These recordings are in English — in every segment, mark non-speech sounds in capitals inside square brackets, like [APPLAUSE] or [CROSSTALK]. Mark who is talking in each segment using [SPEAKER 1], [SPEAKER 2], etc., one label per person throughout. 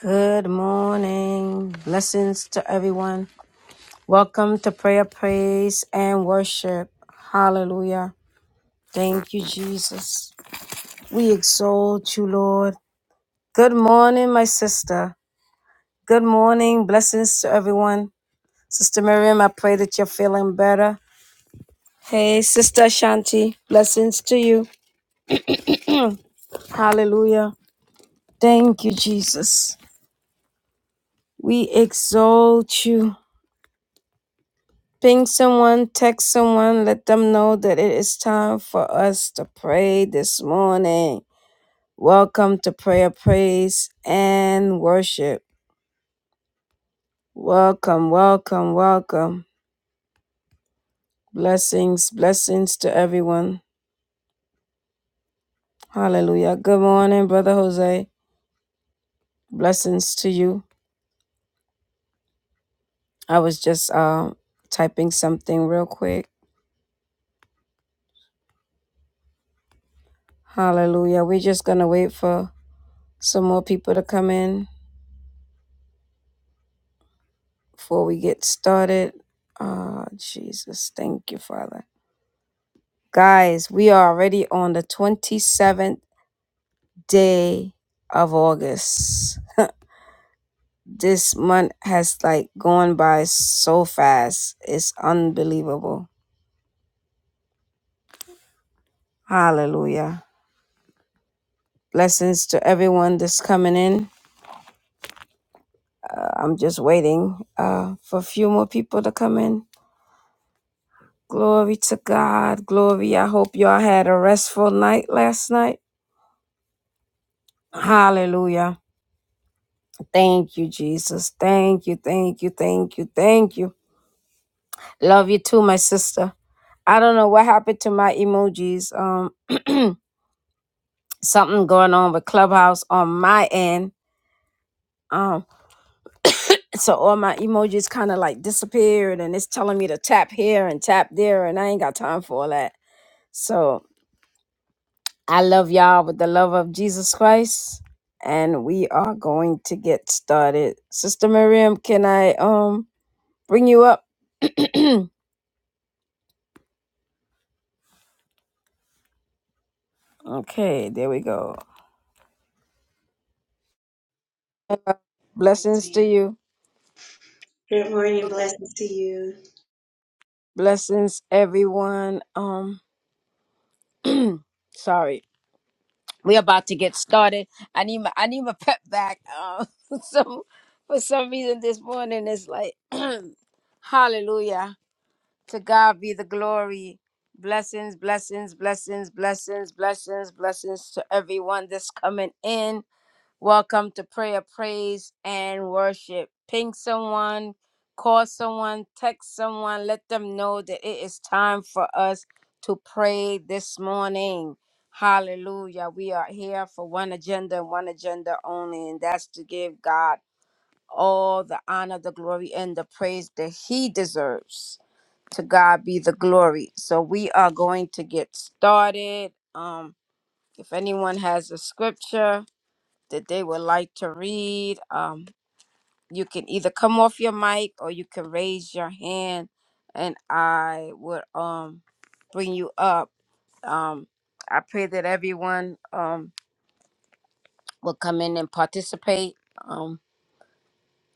[SPEAKER 1] Good morning. Blessings to everyone. Welcome to prayer, praise, and worship. Hallelujah. Thank you, Jesus. We exalt you, Lord. Good morning, my sister. Good morning. Blessings to everyone. Sister Miriam, I pray that you're feeling better. Hey, Sister Shanti, blessings to you. Hallelujah. Thank you, Jesus. We exalt you. Ping someone, text someone, let them know that it is time for us to pray this morning. Welcome to prayer, praise, and worship. Welcome, welcome, welcome. Blessings, blessings to everyone. Hallelujah. Good morning, Brother Jose. Blessings to you. I was just uh, typing something real quick. Hallelujah. We're just going to wait for some more people to come in. Before we get started, oh, Jesus, thank you, Father. Guys, we are already on the 27th day of August. [LAUGHS] this month has like gone by so fast. It's unbelievable. Hallelujah. Blessings to everyone that's coming in. Uh, I'm just waiting uh, for a few more people to come in. Glory to God. Glory. I hope y'all had a restful night last night. Hallelujah. Thank you, Jesus. Thank you, thank you, thank you, thank you. Love you too, my sister. I don't know what happened to my emojis. Um, something going on with Clubhouse on my end. Um, so all my emojis kind of like disappeared, and it's telling me to tap here and tap there, and I ain't got time for all that. So I love y'all with the love of Jesus Christ, and we are going to get started. Sister Miriam, can I um bring you up? [CLEARS THROAT] okay, there we go. Uh,
[SPEAKER 2] Yes,
[SPEAKER 1] Blessings to
[SPEAKER 2] ma'am.
[SPEAKER 1] you.
[SPEAKER 2] Good morning. Blessings to you.
[SPEAKER 1] Blessings, everyone. Um, sorry, we're about to get started. I need my I need my [LAUGHS] pep back. Um, [LAUGHS] so for some reason this morning it's like, [CLEARS THROAT] Hallelujah. To God be the glory. Blessings, blessings, blessings, blessings, blessings, blessings to everyone that's coming in. Welcome to prayer, praise, and worship. Ping someone, call someone, text someone, let them know that it is time for us to pray this morning. Hallelujah. We are here for one agenda and one agenda only, and that's to give God all the honor, the glory, and the praise that He deserves. To God be the glory. So we are going to get started. Um, if anyone has a scripture, that they would like to read. Um, you can either come off your mic or you can raise your hand, and I would um bring you up. Um, I pray that everyone um will come in and participate. Um,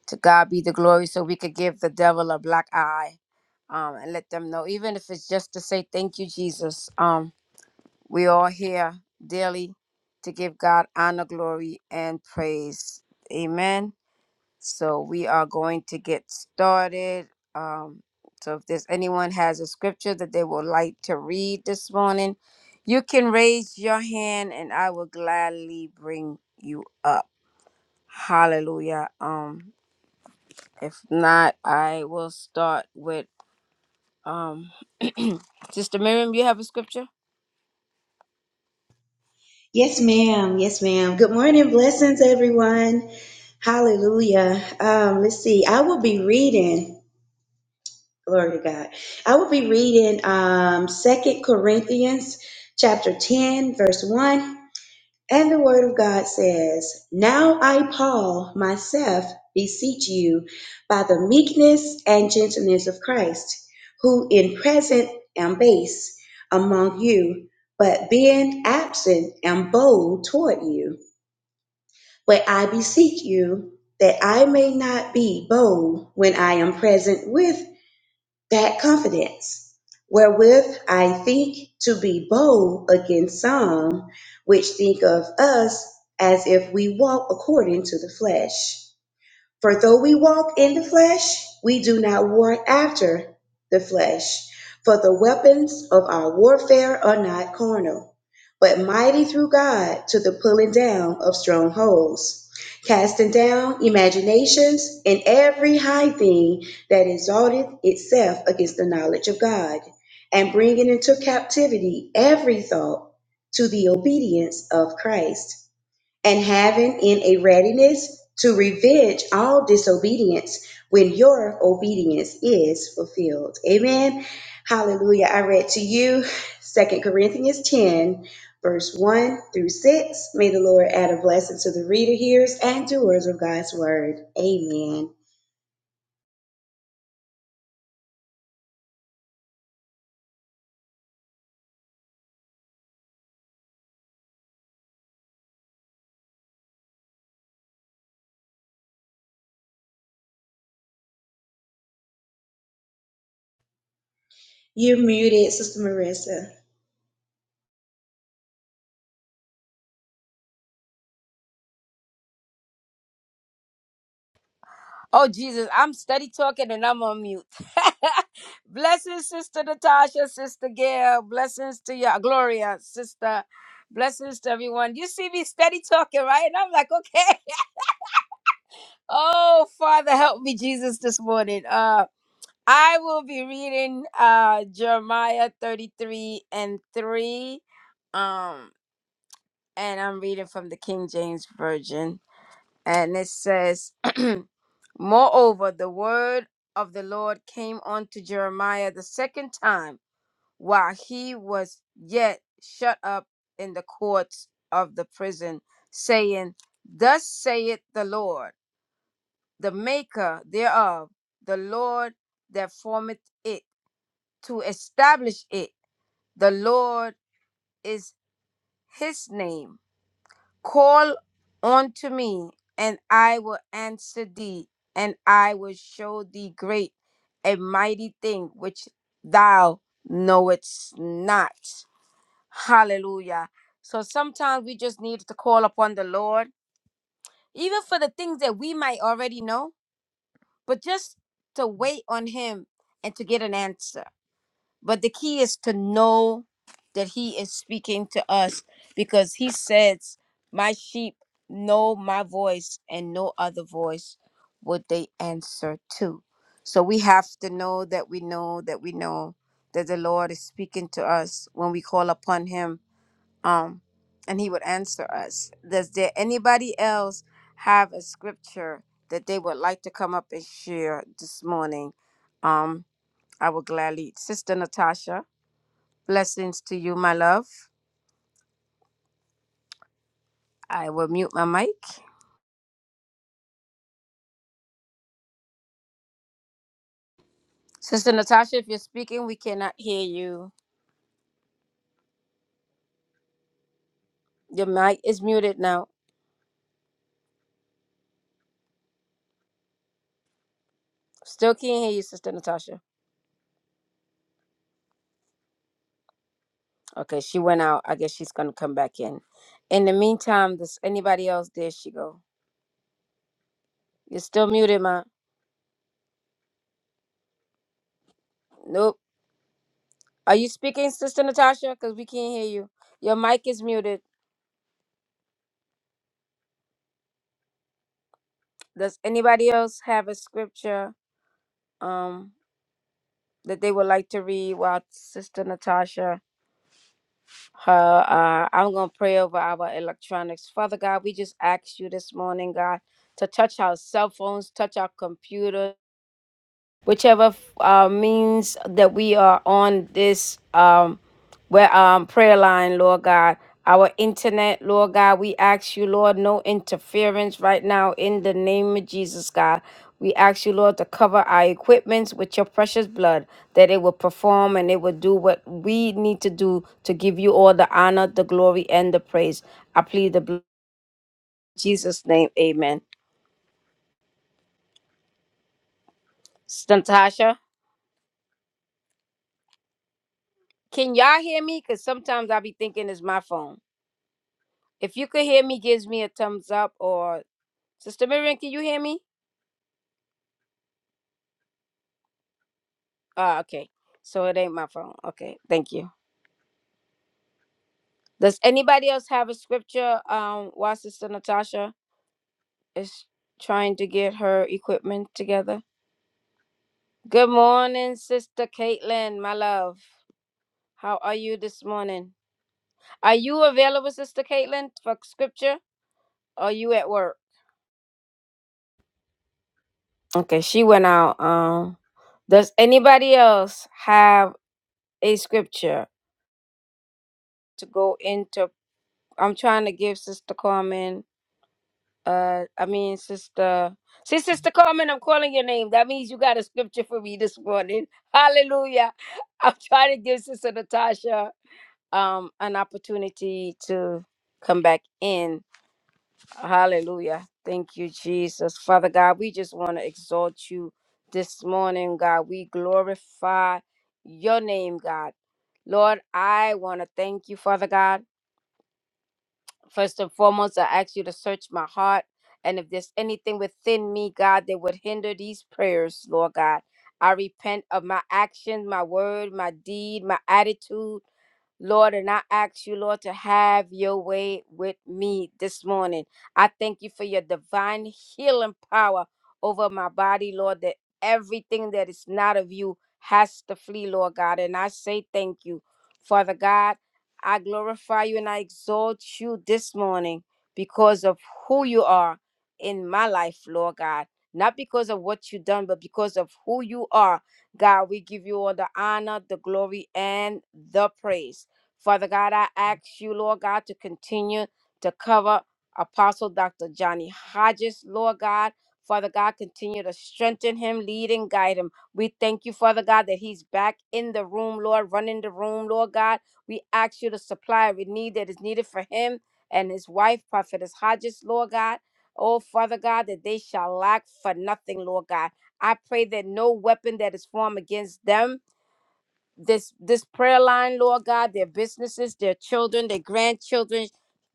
[SPEAKER 1] to God be the glory, so we could give the devil a black eye. Um, and let them know, even if it's just to say thank you, Jesus. Um, we all here daily to give God honor, glory, and praise. Amen. So we are going to get started. Um, so if there's anyone has a scripture that they would like to read this morning, you can raise your hand and I will gladly bring you up. Hallelujah. Um, if not, I will start with um Sister Miriam, you have a scripture?
[SPEAKER 2] Yes, ma'am. Yes, ma'am. Good morning. Blessings, everyone. Hallelujah. Um, let's see. I will be reading, glory to God. I will be reading um, Second Corinthians chapter 10, verse 1 And the word of God says, Now I, Paul, myself beseech you by the meekness and gentleness of Christ, who in present am base among you, but being absent am bold toward you. But I beseech you that I may not be bold when I am present with that confidence, wherewith I think to be bold against some which think of us as if we walk according to the flesh. For though we walk in the flesh, we do not war after the flesh. For the weapons of our warfare are not carnal, but mighty through God to the pulling down of strongholds, casting down imaginations and every high thing that exalteth itself against the knowledge of God, and bringing into captivity every thought to the obedience of Christ and having in a readiness to revenge all disobedience when your obedience is fulfilled. Amen. Hallelujah. I read to you Second Corinthians 10, verse 1 through 6. May the Lord add a blessing to the reader, hearers, and doers of God's word. Amen. You're muted, Sister Marissa.
[SPEAKER 1] Oh Jesus, I'm steady talking and I'm on mute. [LAUGHS] blessings, Sister Natasha, Sister Gail, blessings to you, Gloria, Sister, blessings to everyone. You see me steady talking, right? And I'm like, okay. [LAUGHS] Oh Father, help me, Jesus, this morning. Uh, I will be reading uh Jeremiah 33 and 3. Um, and I'm reading from the King James Version. And it says, [CLEARS THROAT] Moreover, the word of the Lord came unto Jeremiah the second time while he was yet shut up in the courts of the prison, saying, Thus saith the Lord, the maker thereof, the Lord that formeth it, to establish it. The Lord is his name. Call unto me, and I will answer thee, and I will show thee great and mighty thing which thou knowest not. Hallelujah. So sometimes we just need to call upon the Lord, even for the things that we might already know, but just to wait on Him and to get an answer. But the key is to know that He is speaking to us because He says, My sheep know my voice, and no other voice would they answer to. So we have to know that we know that we know that the Lord is speaking to us when we call upon Him, um, and He would answer us. Does there anybody else have a scripture that they would like to come up and share this morning? Um, I will gladly, Sister Natasha. Blessings to you, my love. I will mute my mic. Sister Natasha, if you're speaking, we cannot hear you. Your mic is muted now. Still can't hear you, Sister Natasha. Okay, she went out. I guess she's gonna come back in. In the meantime, does anybody else? There she go. You're still muted, ma. Nope. Are you speaking, Sister Natasha? Because we can't hear you. Your mic is muted. Does anybody else have a scripture um that they would like to read while Sister Natasha her. Uh, I'm going to pray over our electronics. Father God, we just ask you this morning, God, to touch our cell phones, touch our computers whichever uh, means that we are on this um, where um, prayer line, Lord God. Our internet, Lord God, we ask you, Lord, no interference right now in the name of Jesus, God. We ask you, Lord, to cover our equipments with your precious blood, that it will perform and it will do what we need to do to give you all the honor, the glory, and the praise. I plead the blood in Jesus' name. Amen. Sister Natasha, can y'all hear me? Because sometimes I be thinking it's my phone. If you could hear me, gives me a thumbs up. Or Sister Miriam, can you hear me? Ah, okay. So it ain't my phone. Okay, thank you. Does anybody else have a scripture? Um, while Sister Natasha is trying to get her equipment together. Good morning, Sister Caitlin, my love. How are you this morning? Are you available, Sister Caitlin, for scripture? Or are you at work? Okay, she went out. Um, does anybody else have a scripture to go into? I'm trying to give Sister Carmen. Uh, I mean, Sister. See, Sister Carmen, I'm calling your name. That means you got a scripture for me this morning. [LAUGHS] Hallelujah. I'm trying to give Sister Natasha um an opportunity to come back in. Hallelujah. Thank you, Jesus. Father God, we just want to exalt you this morning, God. We glorify your name, God. Lord, I want to thank you, Father God. First and foremost, I ask you to search my heart. And if there's anything within me, God, that would hinder these prayers, Lord God, I repent of my actions, my word, my deed, my attitude. Lord, and I ask you, Lord, to have your way with me this morning. I thank you for your divine healing power over my body, Lord, that everything that is not of you has to flee, Lord God. And I say thank you, Father God. I glorify you and I exalt you this morning because of who you are in my life, Lord God. Not because of what you've done, but because of who you are God, we give you all the honor, the glory, and the praise. Father God, I ask you, Lord God, to continue to cover Apostle Dr. Johnny Hodges, Lord God. Father God, continue to strengthen him, lead and guide him. We thank you, Father God, that he's back in the room, Lord, running the room, Lord God. We ask you to supply every need that is needed for him and his wife, Prophetess Hodges, Lord God. Oh, Father God, that they shall lack for nothing, Lord God. I pray that no weapon that is formed against them this this prayer line, Lord God, their businesses, their children, their grandchildren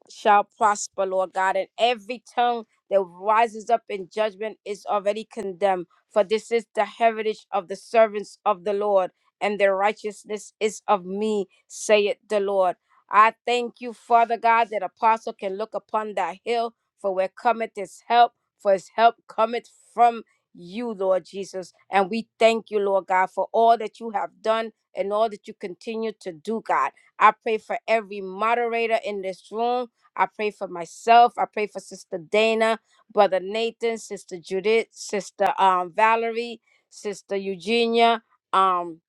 [SPEAKER 1] shall prosper, Lord God, and every tongue that rises up in judgment is already condemned. For this is the heritage of the servants of the Lord, and their righteousness is of me, saith the Lord. I thank you, Father God, that apostle can look upon that hill, for where cometh his help, for his help cometh from you, Lord Jesus. And we thank you, Lord God, for all that you have done and all that you continue to do, God. I pray for every moderator in this room. I pray for myself. I pray for Sister Dana, Brother Nathan, Sister Judith, Sister um, Valerie, Sister Eugenia. Um.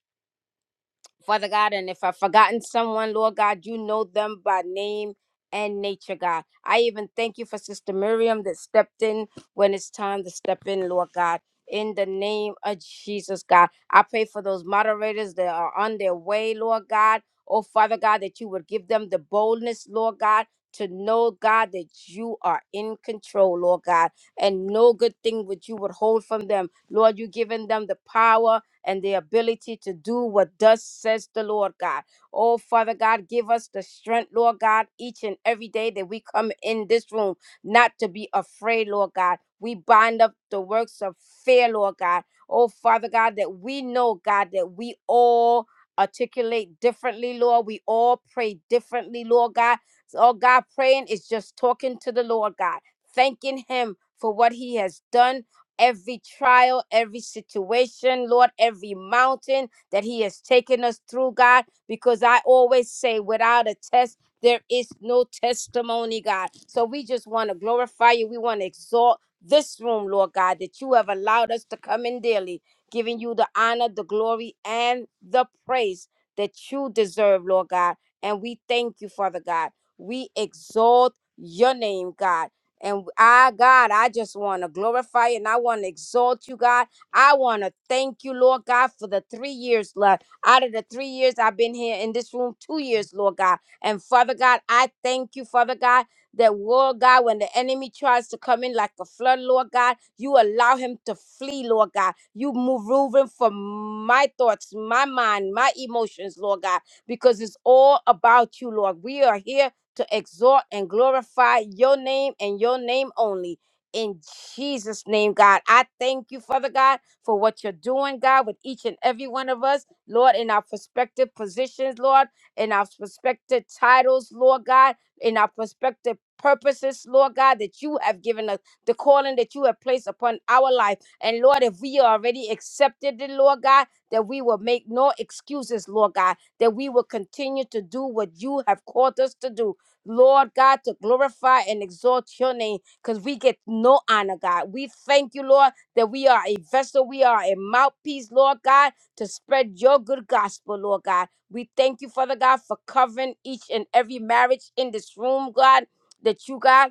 [SPEAKER 1] Father God, and if I've forgotten someone, Lord God, you know them by name and nature, God. I even thank you for Sister Miriam that stepped in when it's time to step in, Lord God. In the name of Jesus, God, I pray for those moderators that are on their way, Lord God. Oh, Father God, that you would give them the boldness, Lord God, to know, God, that you are in control, Lord God, and no good thing would you would hold from them. Lord, you've given them the power and the ability to do what thus says the Lord God. Oh, Father God, give us the strength, Lord God, each and every day that we come in this room, not to be afraid, Lord God. We bind up the works of fear, Lord God. Oh, Father God, that we know, God, that we all articulate differently, Lord. We all pray differently, Lord God. So, oh, God, praying is just talking to the Lord God, thanking Him for what He has done every trial, every situation, Lord, every mountain that He has taken us through, God, because I always say, without a test, there is no testimony, God. So we just want to glorify you. We want to exalt this room, Lord God, that you have allowed us to come in daily, giving you the honor, the glory, and the praise that you deserve, Lord God. And we thank you, Father God. We exalt your name, God. And I, God, I just want to glorify you and I want to exalt you, God. I want to thank you, Lord God, for the three years, Lord. Out of the three years I've been here in this room, two years, Lord God. And Father God, I thank you, Father God, that, Lord God, when the enemy tries to come in like a flood, Lord God, you allow him to flee, Lord God. You move moving from my thoughts, my mind, my emotions, Lord God, because it's all about you, Lord. We are here to exalt and glorify your name and your name only. In Jesus' name, God, I thank you, Father God, for what you're doing, God, with each and every one of us, Lord, in our prospective positions, Lord, in our prospective titles, Lord God, in our prospective purposes, Lord God, that you have given us, the calling that you have placed upon our life. And Lord, if we already accepted it, Lord God, that we will make no excuses, Lord God, that we will continue to do what you have called us to do. Lord God, to glorify and exalt your name because we get no honor, God. We thank you, Lord, that we are a vessel, we are a mouthpiece, Lord God, to spread your good gospel, Lord God. We thank you, Father God, for covering each and every marriage in this room, God. That you, God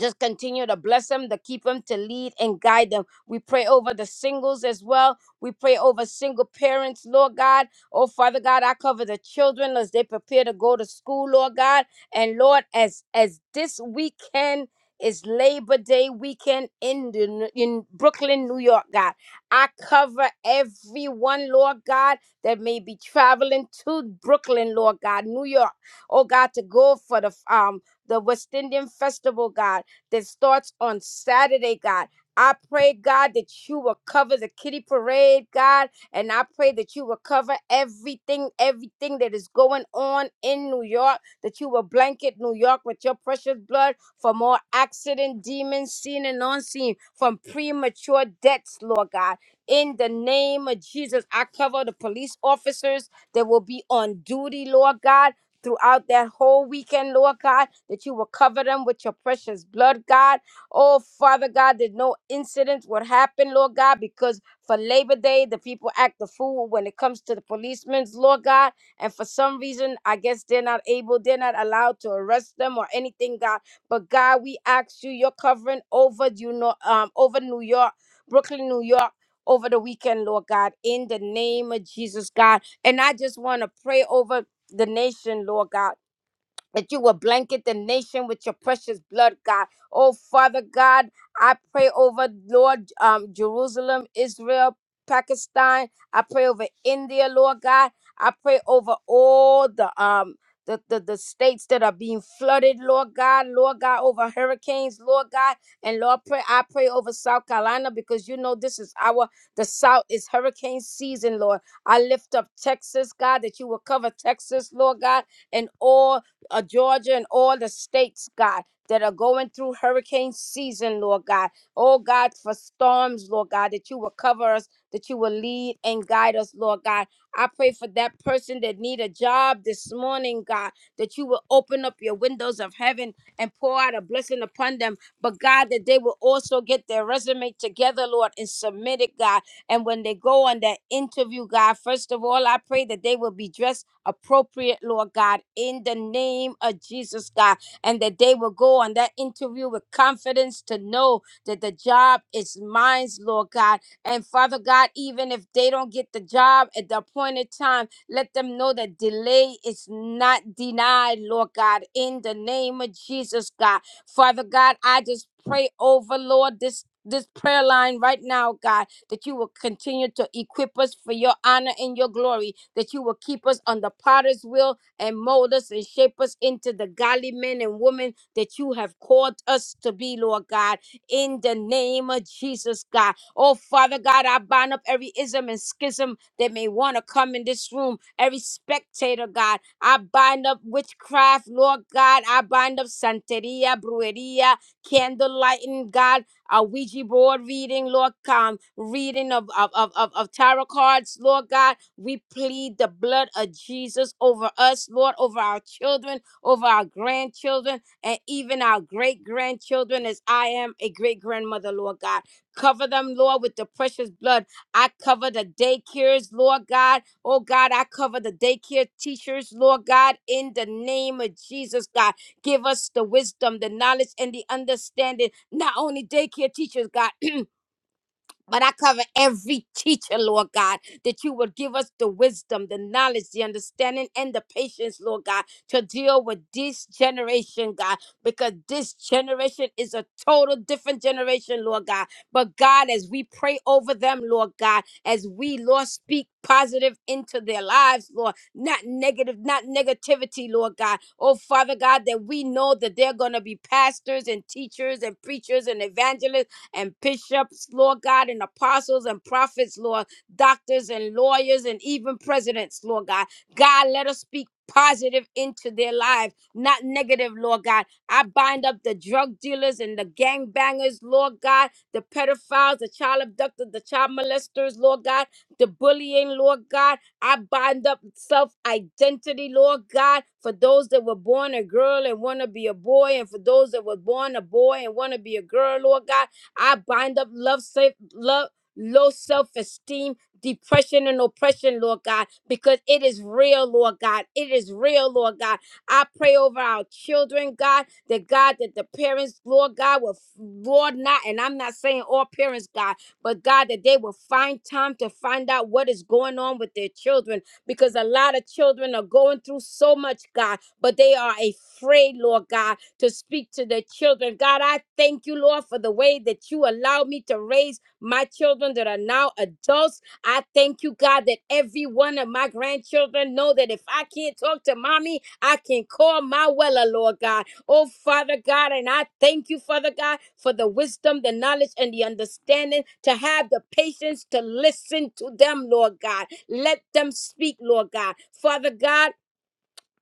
[SPEAKER 1] just continue to bless them, to keep them, to lead and guide them. We pray over the singles as well. We pray over single parents, Lord God. Oh, Father God, I cover the children as they prepare to go to school, Lord God. And Lord, as as this weekend is Labor Day weekend in the, in Brooklyn, New York, God. I cover everyone, Lord God, that may be traveling to Brooklyn, Lord God, New York. Oh God, to go for the um the West Indian Festival, God that starts on Saturday, God. I pray, God, that you will cover the kitty parade, God, and I pray that you will cover everything, everything that is going on in New York, that you will blanket New York with your precious blood from all accident, demons, seen and unseen, from premature deaths, Lord God. In the name of Jesus, I cover the police officers that will be on duty, Lord God throughout that whole weekend, Lord God, that you will cover them with your precious blood, God. Oh, Father God, that no incidents would happen, Lord God, because for Labor Day, the people act the fool when it comes to the policemen's, Lord God. And for some reason, I guess they're not able, they're not allowed to arrest them or anything, God. But God, we ask you, your covering over you know um over New York, Brooklyn, New York. Over the weekend, Lord God, in the name of Jesus, God. And I just want to pray over the nation, Lord God that you will blanket the nation with your precious blood, God. Oh, Father God, I pray over Lord um, Jerusalem, Israel, Pakistan. I pray over India, Lord God. I pray over all the um the, the, the states that are being flooded, Lord God, Lord God, over hurricanes, Lord God, and Lord pray I pray over South Carolina because you know this is our the South is hurricane season, Lord. I lift up Texas, God, that you will cover Texas, Lord God, and all uh, Georgia and all the states, God, that are going through hurricane season, Lord God. Oh, God, for storms, Lord God, that you will cover us, that you will lead and guide us, Lord God. I pray for that person that need a job this morning, God, that you will open up your windows of heaven and pour out a blessing upon them. But God, that they will also get their resume together, Lord, and submit it, God and when they go on that interview, God, first of all, I pray that they will be dressed appropriate, Lord God, in the name of Jesus, God, and that they will go on that interview with confidence to know that the job is mine, Lord God. And Father God, even if they don't get the job at the appointed time, let them know that delay is not denied, Lord God, in the name of Jesus, God. Father God, I just pray over, Lord, this. This prayer line right now, God that you will continue to equip us for your honor and your glory, that you will keep us on the potter's wheel and mold us and shape us into the godly men and women that you have called us to be, Lord God, in the name of Jesus, God. Oh, Father God, I bind up every ism and schism that may want to come in this room, every spectator, God. I bind up witchcraft, Lord God. I bind up Santeria, Brujeria, candlelighting, God a Ouija board reading, Lord, come, reading of, of, of, of, of tarot cards, Lord God. We plead the blood of Jesus over us, Lord, over our children, over our grandchildren, and even our great grandchildren, as I am a great grandmother, Lord God. Cover them, Lord, with the precious blood. I cover the daycares, Lord God. Oh God, I cover the daycare teachers, Lord God, in the name of Jesus, God. Give us the wisdom, the knowledge, and the understanding. Not only daycare teachers, God, but I cover every teacher, Lord God, that you will give us the wisdom, the knowledge, the understanding, and the patience, Lord God, to deal with this generation, God, because this generation is a total different generation, Lord God. But God, as we pray over them, Lord God, as we, Lord, speak positive into their lives, Lord, not negative, not negativity, Lord God. Oh, Father God, that we know that they're going to be pastors and teachers and preachers and evangelists and bishops, Lord God, and apostles and prophets, Lord, doctors and lawyers, and even presidents, Lord God. God, let us speak positive into their lives, not negative, Lord God. I bind up the drug dealers and the gang bangers, Lord God, the pedophiles, the child abductors, the child molesters, Lord God, the bullying, Lord God. I bind up self identity, Lord God, for those that were born a girl and want to be a boy, and for those that were born a boy and want to be a girl, Lord God. I bind up love, self, love, low self-esteem, depression, and oppression, Lord God, because it is real, Lord God. It is real, Lord God. I pray over our children, God, that God, that the parents, Lord God, will, Lord, not, and I'm not saying all parents, God, but God, that they will find time to find out what is going on with their children, because a lot of children are going through so much, God, but they are afraid, Lord God, to speak to their children. God, I thank you, Lord, for the way that you allow me to raise my children that are now adults. I thank you, God, that every one of my grandchildren know that if I can't talk to mommy, I can call my weller, Lord God. Oh, Father God, and I thank you, Father God, for the wisdom, the knowledge, and the understanding to have the patience to listen to them, Lord God. Let them speak, Lord God. Father God,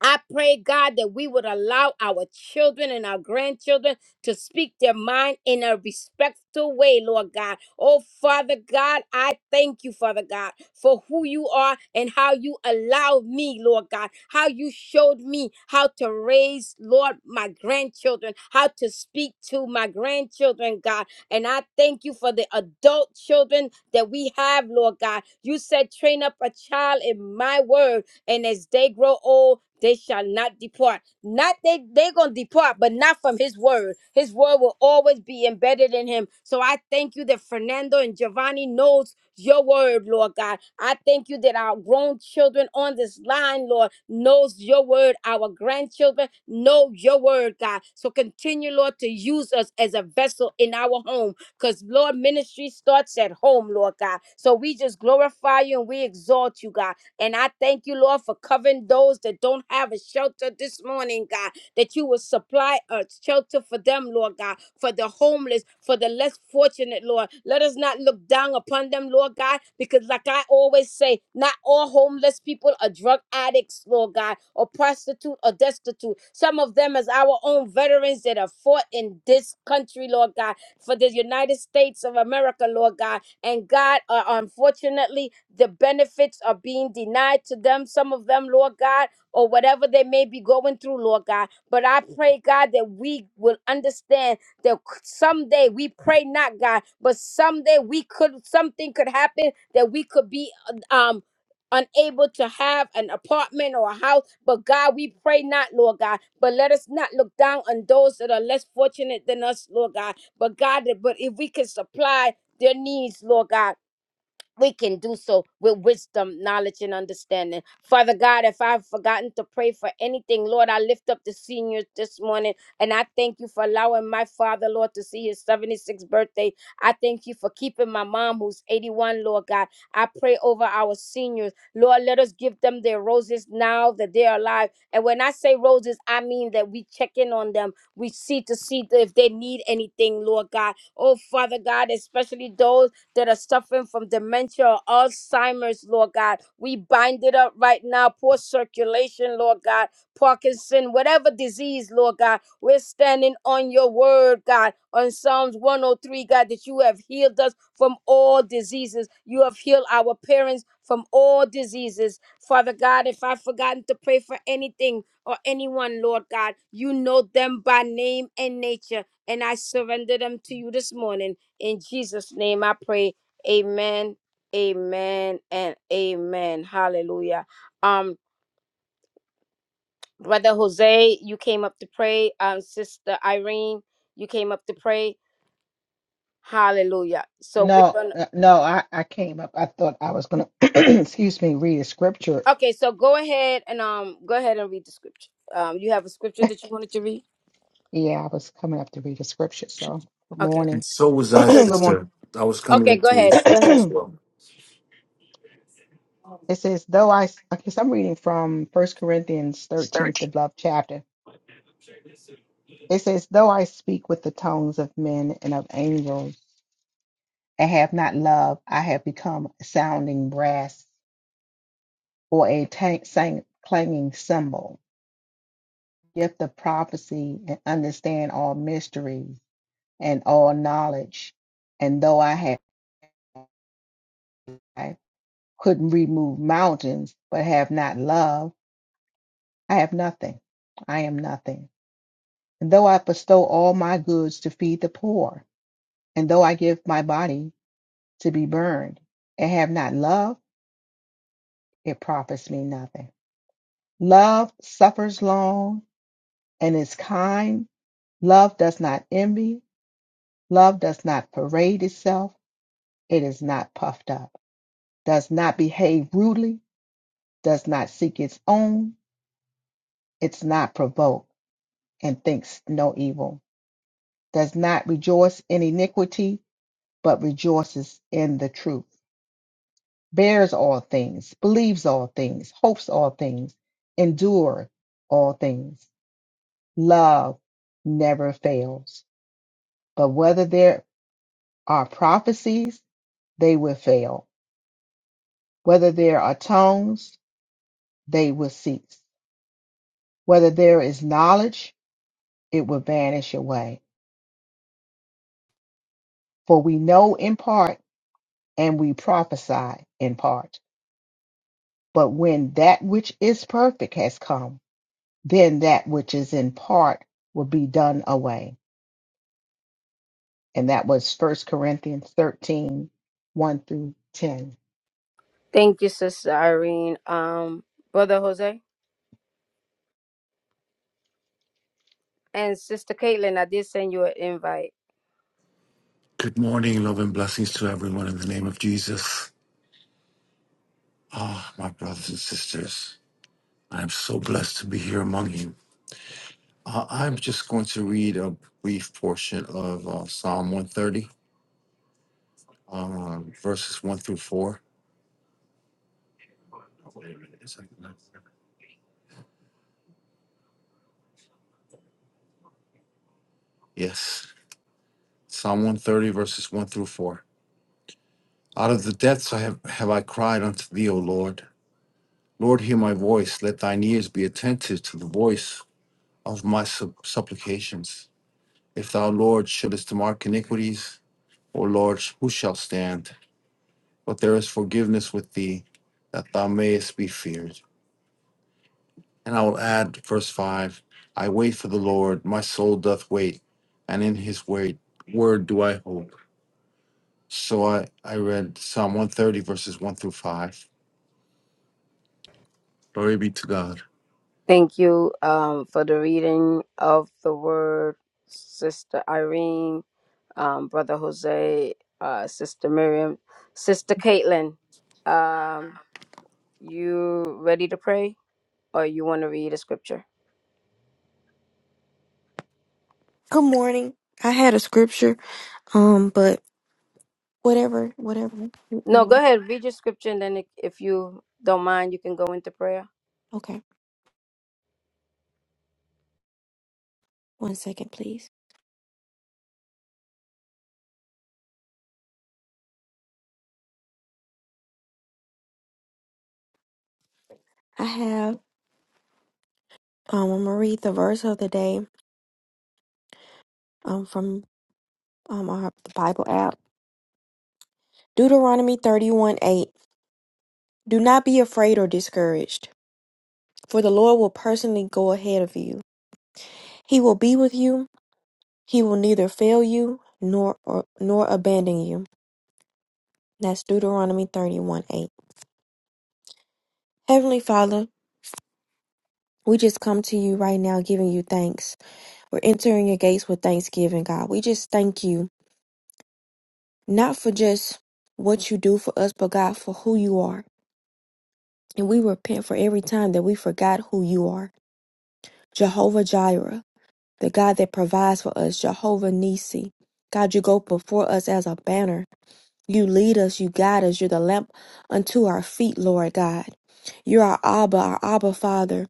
[SPEAKER 1] I pray, God, that we would allow our children and our grandchildren to speak their mind in a respectful way, Lord God. Oh, Father God, I thank you, Father God, for who you are and how you allowed me, Lord God, how you showed me how to raise, Lord, my grandchildren, how to speak to my grandchildren, God. And I thank you for the adult children that we have, Lord God. You said, train up a child in my word and as they grow old, they shall not depart. Not they they're gonna depart, but not from his word. His word will always be embedded in him. So I thank you that Fernando and Giovanni knows your word, Lord God. I thank you that our grown children on this line, Lord, knows your word. Our grandchildren know your word, God. So continue, Lord, to use us as a vessel in our home. Because Lord, ministry starts at home, Lord God. So we just glorify you and we exalt you, God. And I thank you, Lord, for covering those that don't have a shelter this morning, God, that you will supply a shelter for them, Lord God, for the homeless, for the less fortunate, Lord. Let us not look down upon them, Lord God, because like I always say, not all homeless people are drug addicts, Lord God, or prostitute or destitute. Some of them is our own veterans that have fought in this country, Lord God, for the United States of America, Lord God. And God, uh, unfortunately, the benefits are being denied to them, some of them, Lord God, or whatever they may be going through, Lord God. But I pray, God, that we will understand that someday we pray not, God, but someday we could, something could happen that we could be, um, unable to have an apartment or a house. But God, we pray not, Lord God. But let us not look down on those that are less fortunate than us, Lord God. But God, that- but if we can supply their needs, Lord God. We can do so with wisdom, knowledge, and understanding. Father God, if I've forgotten to pray for anything, Lord, I lift up the seniors this morning and I thank you for allowing my father, Lord, to see his 76th birthday. I thank you for keeping my mom, who's 81, Lord God. I pray over our seniors. Lord, let us give them their roses now that they are alive. And when I say roses, I mean that we check in on them. We see to see if they need anything, Lord God. Oh, Father God, especially those that are suffering from dementia or Alzheimer's, Lord God. We bind it up right now. Poor circulation, Lord God. Parkinson, whatever disease, Lord God. We're standing on your word, God, on Psalms 103, God, that you have healed us from all diseases. You have healed our parents from all diseases. Father God, if I've forgotten to pray for anything or anyone, Lord God, you know them by name and nature. And I surrender them to you this morning. In Jesus' name I pray. Amen. Amen and amen. Hallelujah. Um, Brother Jose, you came up to pray. Um, Sister Irene, you came up to pray. Hallelujah. So we're
[SPEAKER 3] No,
[SPEAKER 1] gonna
[SPEAKER 3] uh, no, I, I came up. I thought I was gonna, [CLEARS THROAT] excuse me, read a scripture.
[SPEAKER 1] okay, so go ahead and um go ahead and read the scripture. Um, you have a scripture that you wanted to read?
[SPEAKER 3] Yeah, I was coming up to read a scripture. So good
[SPEAKER 1] Okay.
[SPEAKER 4] And
[SPEAKER 3] morning.
[SPEAKER 4] so was
[SPEAKER 3] [CLEARS THROAT]
[SPEAKER 4] I,
[SPEAKER 1] Good
[SPEAKER 3] Good
[SPEAKER 1] morning.
[SPEAKER 3] morning.
[SPEAKER 4] sister. I was coming
[SPEAKER 1] Okay,
[SPEAKER 4] up
[SPEAKER 1] go
[SPEAKER 4] to you
[SPEAKER 1] ahead. Go
[SPEAKER 4] first
[SPEAKER 1] ahead.
[SPEAKER 4] as
[SPEAKER 3] [CLEARS THROAT]
[SPEAKER 4] well.
[SPEAKER 3] It says, though I, s- okay, so I'm reading from First Corinthians
[SPEAKER 4] It's
[SPEAKER 3] 13,
[SPEAKER 4] 13.
[SPEAKER 3] the love chapter. It says, though I speak with the tongues of men and of angels and have not love, I have become sounding brass or a tank, sang, clanging cymbal. Gift of prophecy and understand all mysteries and all knowledge. And though I have I couldn't remove mountains, but have not love, I have nothing. I am nothing. And though I bestow all my goods to feed the poor, and though I give my body to be burned, and have not love, it profits me nothing. Love suffers long and is kind. Love does not envy. Love does not parade itself. It is not puffed up, does not behave rudely does not seek its own, it's not provoked, and thinks no evil, does not rejoice in iniquity, but rejoices in the truth, bears all things, believes all things, hopes all things, endure all things. Love never fails. But whether there are prophecies, they will fail. Whether there are tongues, they will cease. Whether there is knowledge, it will vanish away. For we know in part and we prophesy in part. But when that which is perfect has come, then that which is in part will be done away. And that was First Corinthians thirteen, one through 10.
[SPEAKER 1] Thank you, Sister Irene. Um, Brother Jose and Sister Caitlin, I did send you an invite.
[SPEAKER 4] Good morning, love and blessings to everyone in the name of Jesus. My brothers and sisters, I am so blessed to be here among you. Uh, I'm just going to read a brief portion of uh, Psalm 130, uh, verses 1 through 4. Wait a minute, is that- not- Yes, Psalm 130, verses 1 through 4. Out of the depths I have, have I cried unto thee, O Lord. Lord, hear my voice. Let thine ears be attentive to the voice of my sup- supplications. If thou, Lord, shouldest mark iniquities, O Lord, who shall stand? But there is forgiveness with thee, that thou mayest be feared. And I will add, verse 5 I wait for the Lord, my soul doth wait, and in his wait, word do I hope. So I, I read Psalm 130, verses 1 through 5. Glory be to God.
[SPEAKER 1] Thank you um, for the reading of the word, Sister Irene, um, Brother Jose, uh, Sister Miriam, Sister Caitlin. Um, you ready to pray, or you want to read a scripture?
[SPEAKER 5] Good morning. I had a scripture, um, but whatever, whatever.
[SPEAKER 1] No,
[SPEAKER 5] Um,
[SPEAKER 1] go ahead, read your scripture, and then if if you don't mind, you can go into prayer.
[SPEAKER 5] okay, one second, please. I have, um, I'm gonna read the verse of the day, um, from um our the Bible app, Deuteronomy 31 8. Do not be afraid or discouraged, for the Lord will personally go ahead of you. He will be with you. He will neither fail you nor or, nor abandon you. That's Deuteronomy 31 8. Heavenly Father, we just come to you right now giving you thanks. We're entering your gates with thanksgiving, God. We just thank you, not for just what you do for us, but God, for who you are. And we repent for every time that we forgot who you are. Jehovah Jireh, the God that provides for us, Jehovah Nissi. God, you go before us as a banner. You lead us, you guide us. You're the lamp unto our feet, Lord God. You're our Abba, our Abba Father.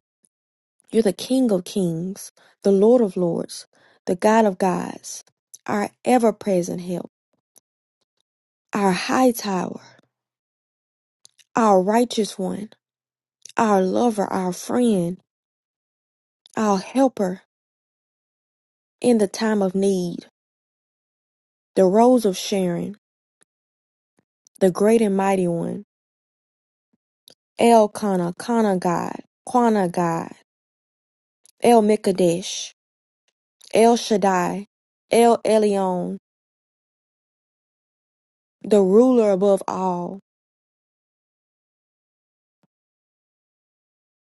[SPEAKER 5] You're the King of kings, the Lord of lords, the God of gods, our ever present help. our high tower, our righteous one, our lover, our friend, our helper in the time of need, the rose of Sharon, the great and mighty one, El Kana, Kana God, Quana God, El Mikadesh, El Shaddai, El Elyon, the ruler above all,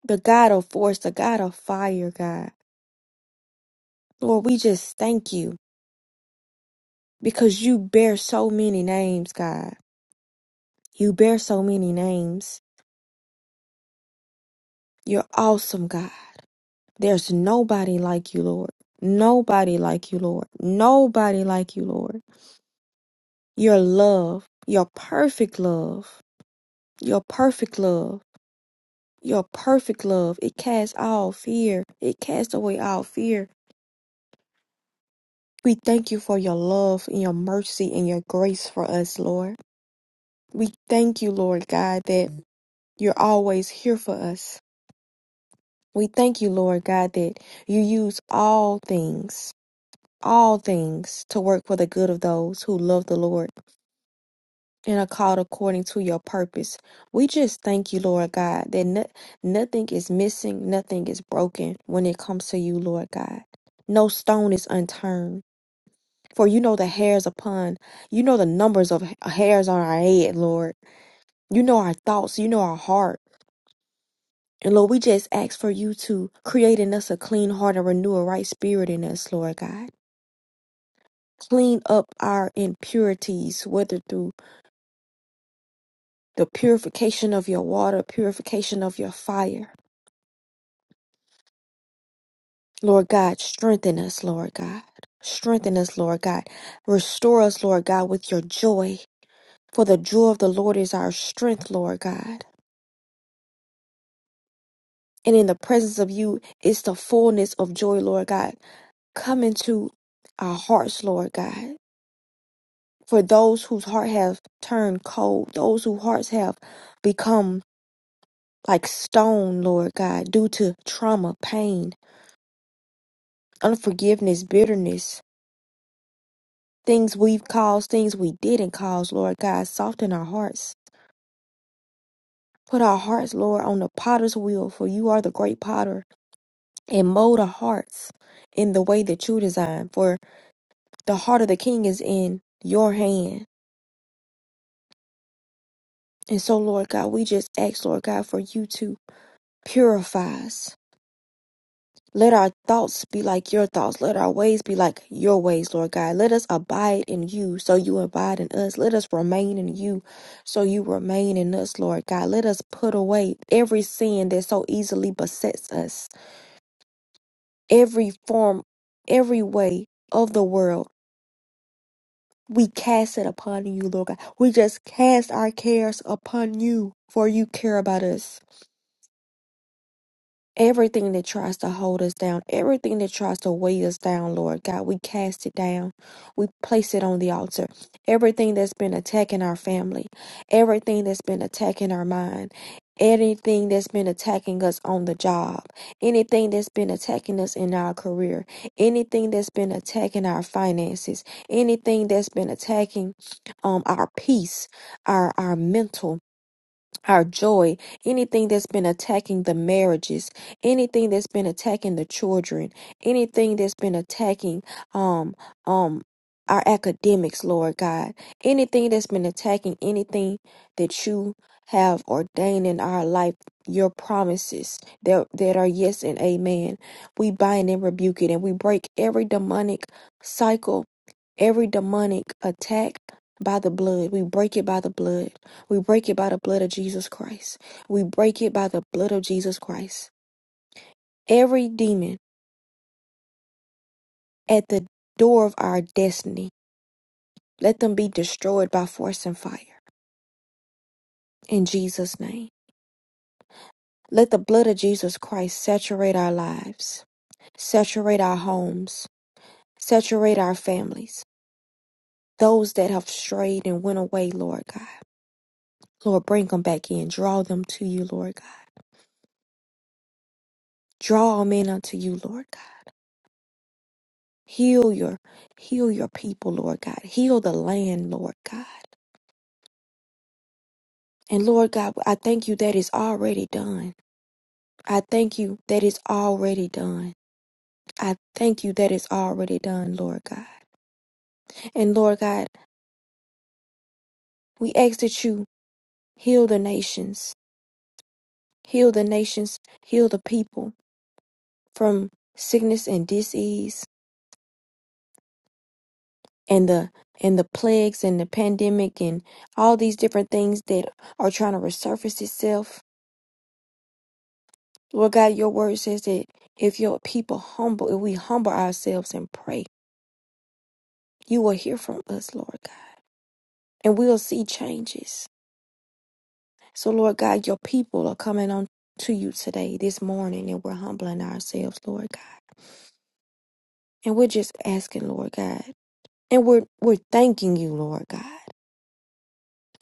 [SPEAKER 5] the God of force, the God of fire, God. Lord, we just thank you because you bear so many names, God. You bear so many names. You're awesome, God. There's nobody like you, Lord. Nobody like you, Lord. Nobody like you, Lord. Your love, your perfect love, your perfect love, your perfect love. It casts all fear. It casts away all fear. We thank you for your love and your mercy and your grace for us, Lord. We thank you, Lord God, that you're always here for us. We thank you, Lord God, that you use all things. all things to work for the good of those who love the Lord and are called according to your purpose. We just thank you, Lord God, that no- nothing is missing, nothing is broken when it comes to you, Lord God. No stone is unturned. For you know the hairs upon, you know the numbers of ha- hairs on our head, Lord. You know our thoughts, you know our heart. And Lord, we just ask for you to create in us a clean heart and renew a right spirit in us, Lord God clean up our impurities, whether through the purification of your water, purification of your fire. Lord God, strengthen us, Lord God. Strengthen us, Lord God. Restore us, Lord God, with your joy. For the joy of the Lord is our strength, Lord God. And in the presence of you is the fullness of joy, Lord God. Come into our hearts, Lord God. For those whose heart have turned cold, those whose hearts have become like stone, Lord God, due to trauma, pain, unforgiveness, bitterness, Things we've caused, things we didn't cause, Lord God, soften our hearts. Put our hearts, Lord, on the potter's wheel, for you are the great potter, and mold our hearts in the way that you design. For the heart of the king is in your hand. And so, Lord God, we just ask, Lord God, for you to purify us Let our thoughts be like your thoughts. Let our ways be like your ways, Lord God. Let us abide in you so you abide in us. Let us remain in you so you remain in us, Lord God. Let us put away every sin that so easily besets us, every form, every way of the world. We cast it upon you, Lord God. We just cast our cares upon you, for you care about us. Everything that tries to hold us down, everything that tries to weigh us down, Lord God, we cast it down. We place it on the altar. Everything that's been attacking our family, everything that's been attacking our mind, anything that's been attacking us on the job, anything that's been attacking us in our career, anything that's been attacking our finances, anything that's been attacking um, our peace, our, our mental our joy, anything that's been attacking the marriages, anything that's been attacking the children, anything that's been attacking um um our academics, Lord God, anything that's been attacking anything that you have ordained in our life, your promises that that are yes and amen. We bind and rebuke it and we break every demonic cycle, every demonic attack by the blood. We break it by the blood. We break it by the blood of Jesus Christ. We break it by the blood of Jesus Christ. Every demon at the door of our destiny, let them be destroyed by force and fire. In Jesus' name. Let the blood of Jesus Christ saturate our lives, saturate our homes, saturate our families. Those that have strayed and went away, Lord God. Lord, bring them back in. Draw them to you, Lord God. Draw all men unto you, Lord God. Heal your heal your people, Lord God. Heal the land, Lord God. And Lord God, I thank you that is already done. I thank you that is already done. I thank you that is already done, Lord God. And Lord God, we ask that you heal the nations. Heal the nations, heal the people from sickness and disease and the and the plagues and the pandemic and all these different things that are trying to resurface itself Lord God, your word says that if your people humble, if we humble ourselves and pray, you will hear from us, Lord God, and we'll see changes. So, Lord God, your people are coming on to you today, this morning, and we're humbling ourselves, Lord God. And we're just asking, Lord God, and we're we're thanking you, Lord God.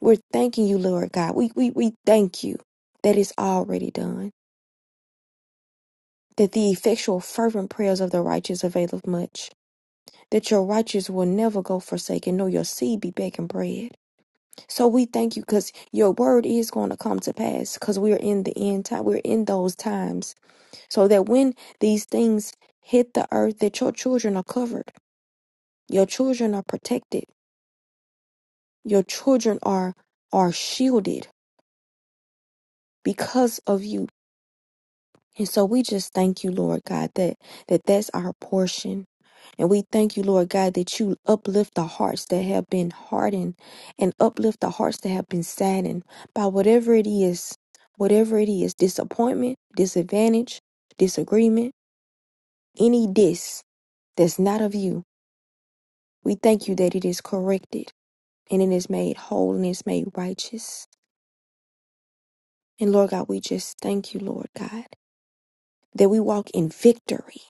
[SPEAKER 5] We're thanking you, Lord God. We we we thank you that it's already done. That the effectual, fervent prayers of the righteous availeth much. that your righteous will never go forsaken, nor your seed be begging bread. So we thank you because your word is going to come to pass because we're in the end time. We're in those times. So that when these things hit the earth, that your children are covered. Your children are protected. Your children are are shielded because of you. And so we just thank you, Lord God, that, that that's our portion And we thank you, Lord God, that you uplift the hearts that have been hardened and uplift the hearts that have been saddened by whatever it is, whatever it is disappointment, disadvantage, disagreement, any dis that's not of you. We thank you that it is corrected and it is made whole and it's made righteous. And Lord God, we just thank you, Lord God, that we walk in victory,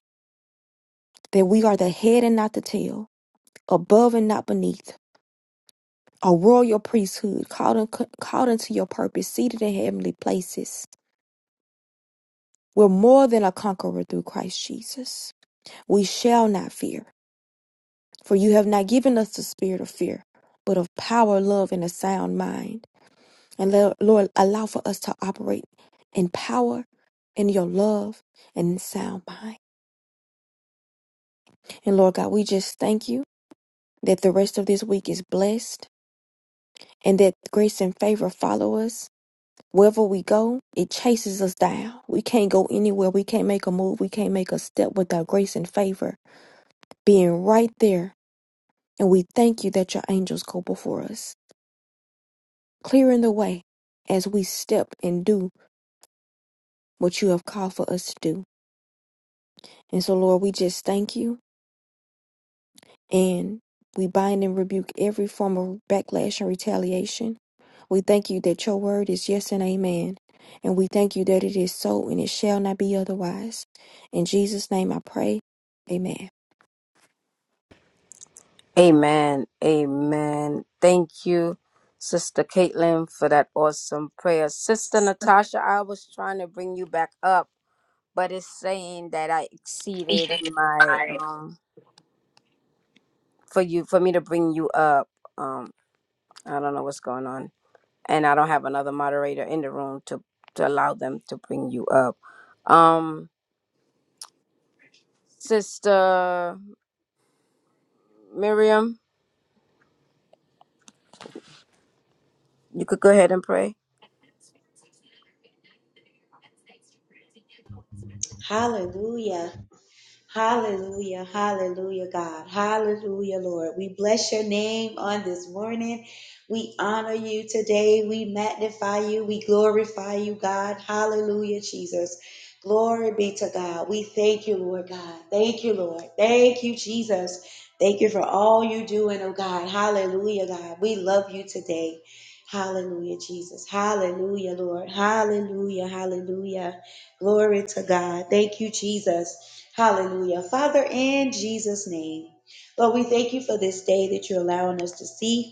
[SPEAKER 5] that we are the head and not the tail, above and not beneath a royal priesthood, called, un- called unto your purpose, seated in heavenly places. We're more than a conqueror through Christ Jesus. We shall not fear, for you have not given us the spirit of fear, but of power, love, and a sound mind. And lo- Lord, allow for us to operate in power, in your love, and in sound mind. And Lord God, we just thank you that the rest of this week is blessed and that grace and favor follow us Wherever we go, it chases us down. We can't go anywhere. We can't make a move. We can't make a step without grace and favor being right there. And we thank you that your angels go before us, clearing the way as we step and do what you have called for us to do. And so, Lord, we just thank you. And we bind and rebuke every form of backlash and retaliation. We thank you that your word is yes and amen. And we thank you that it is so and it shall not be otherwise. In Jesus' name I pray. Amen.
[SPEAKER 1] Amen. Amen. Thank you, Sister Caitlin, for that awesome prayer. Sister Natasha, I was trying to bring you back up. but it's saying that I
[SPEAKER 4] Yes,
[SPEAKER 1] exceeded my um for you for me to bring you up. Um, I don't know what's going on, and I don't have another moderator in the room to to allow them to bring you up. Um, Sister Miriam, you could go ahead and pray.
[SPEAKER 2] Hallelujah. Hallelujah, hallelujah, God. Hallelujah, Lord. We bless your name on this morning. We honor you today. We magnify you. We glorify you, God. Hallelujah, Jesus. Glory be to God. We thank you, Lord God. Thank you, Lord. Thank you, Jesus. Thank you for all you doing, oh God. Hallelujah, God. We love you today. Hallelujah, Jesus. Hallelujah, Lord. Hallelujah, hallelujah. Glory to God. Thank you, Jesus. Hallelujah. Father, in Jesus' name, Lord, we thank you for this day that you're allowing us to see.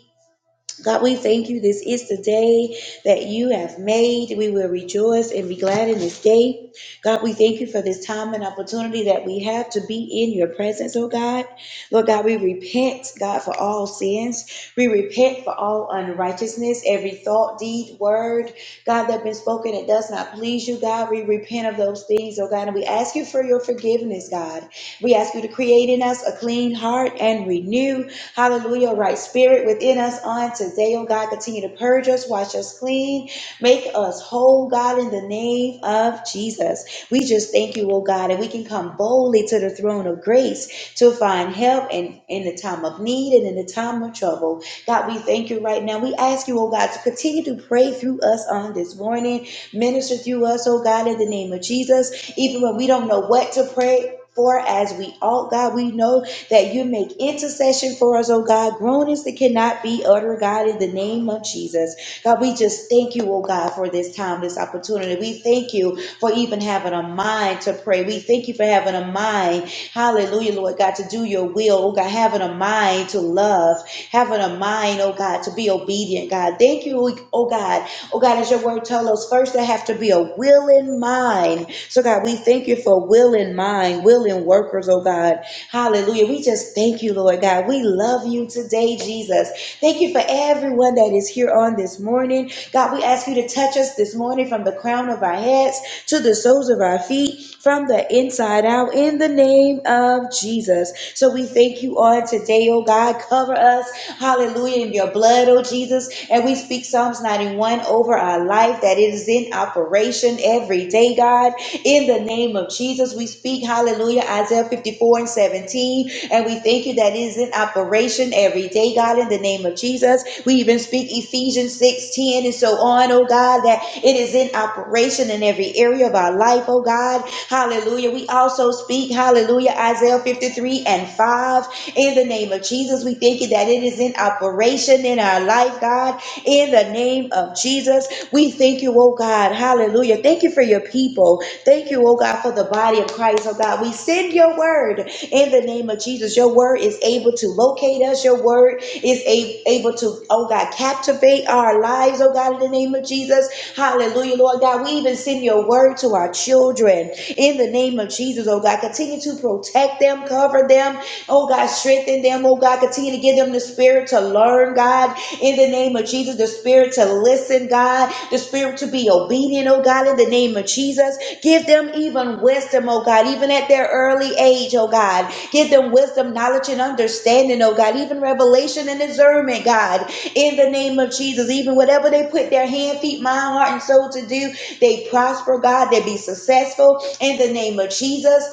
[SPEAKER 2] God, we thank you. This is the day that you have made. We will rejoice and be glad in this day. God, we thank you for this time and opportunity that we have to be in your presence, oh God. Lord God, we repent, God, for all sins. We repent for all unrighteousness, every thought, deed, word, God, that been spoken that does not please you, God. We repent of those things, oh God, and we ask you for your forgiveness, God. We ask you to create in us a clean heart and renew, hallelujah, right spirit within us on today, oh God. Continue to purge us, wash us clean, make us whole, God, in the name of Jesus. We just thank you, oh God, and we can come boldly to the throne of grace to find help and in in the time of need and in the time of trouble. God, we thank you right now. We ask you, oh God, to continue to pray through us on this morning. Minister through us, oh God, in the name of Jesus. Even when we don't know what to pray for as we ought, God, we know that you make intercession for us, oh God. Groanings that cannot be uttered, God, in the name of Jesus. God, we just thank you, oh God, for this time, this opportunity. We thank you for even having a mind to pray. We thank you for having a mind, hallelujah, Lord God, to do your will, oh God, having a mind to love, having a mind, oh God, to be obedient, God. Thank you, oh oh God, Oh God, as your word tells us, first there have to be a willing mind. So God, we thank you for willing mind, willing workers, oh God. Hallelujah. We just thank you, Lord God. We love you today, Jesus. Thank you for everyone that is here on this morning. God, we ask you to touch us this morning from the crown of our heads to the soles of our feet, from the inside out, in the name of Jesus. So we thank you on today, oh God. Cover us, hallelujah, in your blood, oh Jesus. And we speak Psalms 91 over our life that it is in operation every day, God. In the name of Jesus, we speak, hallelujah, Isaiah 54 and 17. And we thank you that it is in operation every day, God, in the name of Jesus. We even speak Ephesians 6:10 and so on, oh God, that it is in operation in every area of our life, oh God. Hallelujah. We also speak, hallelujah, Isaiah 53 and 5. In the name of Jesus, we thank you that it is in operation in our life, God. In the name of Jesus, we thank you, oh oh God. Hallelujah. Thank you for your people. Thank you, oh God, for the body of Christ, oh God. We send your word in the name of Jesus. Your word is able to locate us. Your word is a- able to, oh God, captivate our lives, oh God, in the name of Jesus. Hallelujah, Lord God. We even send your word to our children in the name of Jesus, oh God. Continue to protect them, cover them, oh God, strengthen them, oh God. Continue to give them the spirit to learn, God, in the name of Jesus, the spirit to listen, God, the spirit to be obedient, oh God, in the name of Jesus. Give them even wisdom, oh God, even at their early age, oh God. Give them wisdom, knowledge, and understanding, oh God, even revelation and discernment, God, in the name of Jesus. Even whatever they put their hand, feet, mind, heart, and soul to do, they prosper, God, they be successful in the name of Jesus.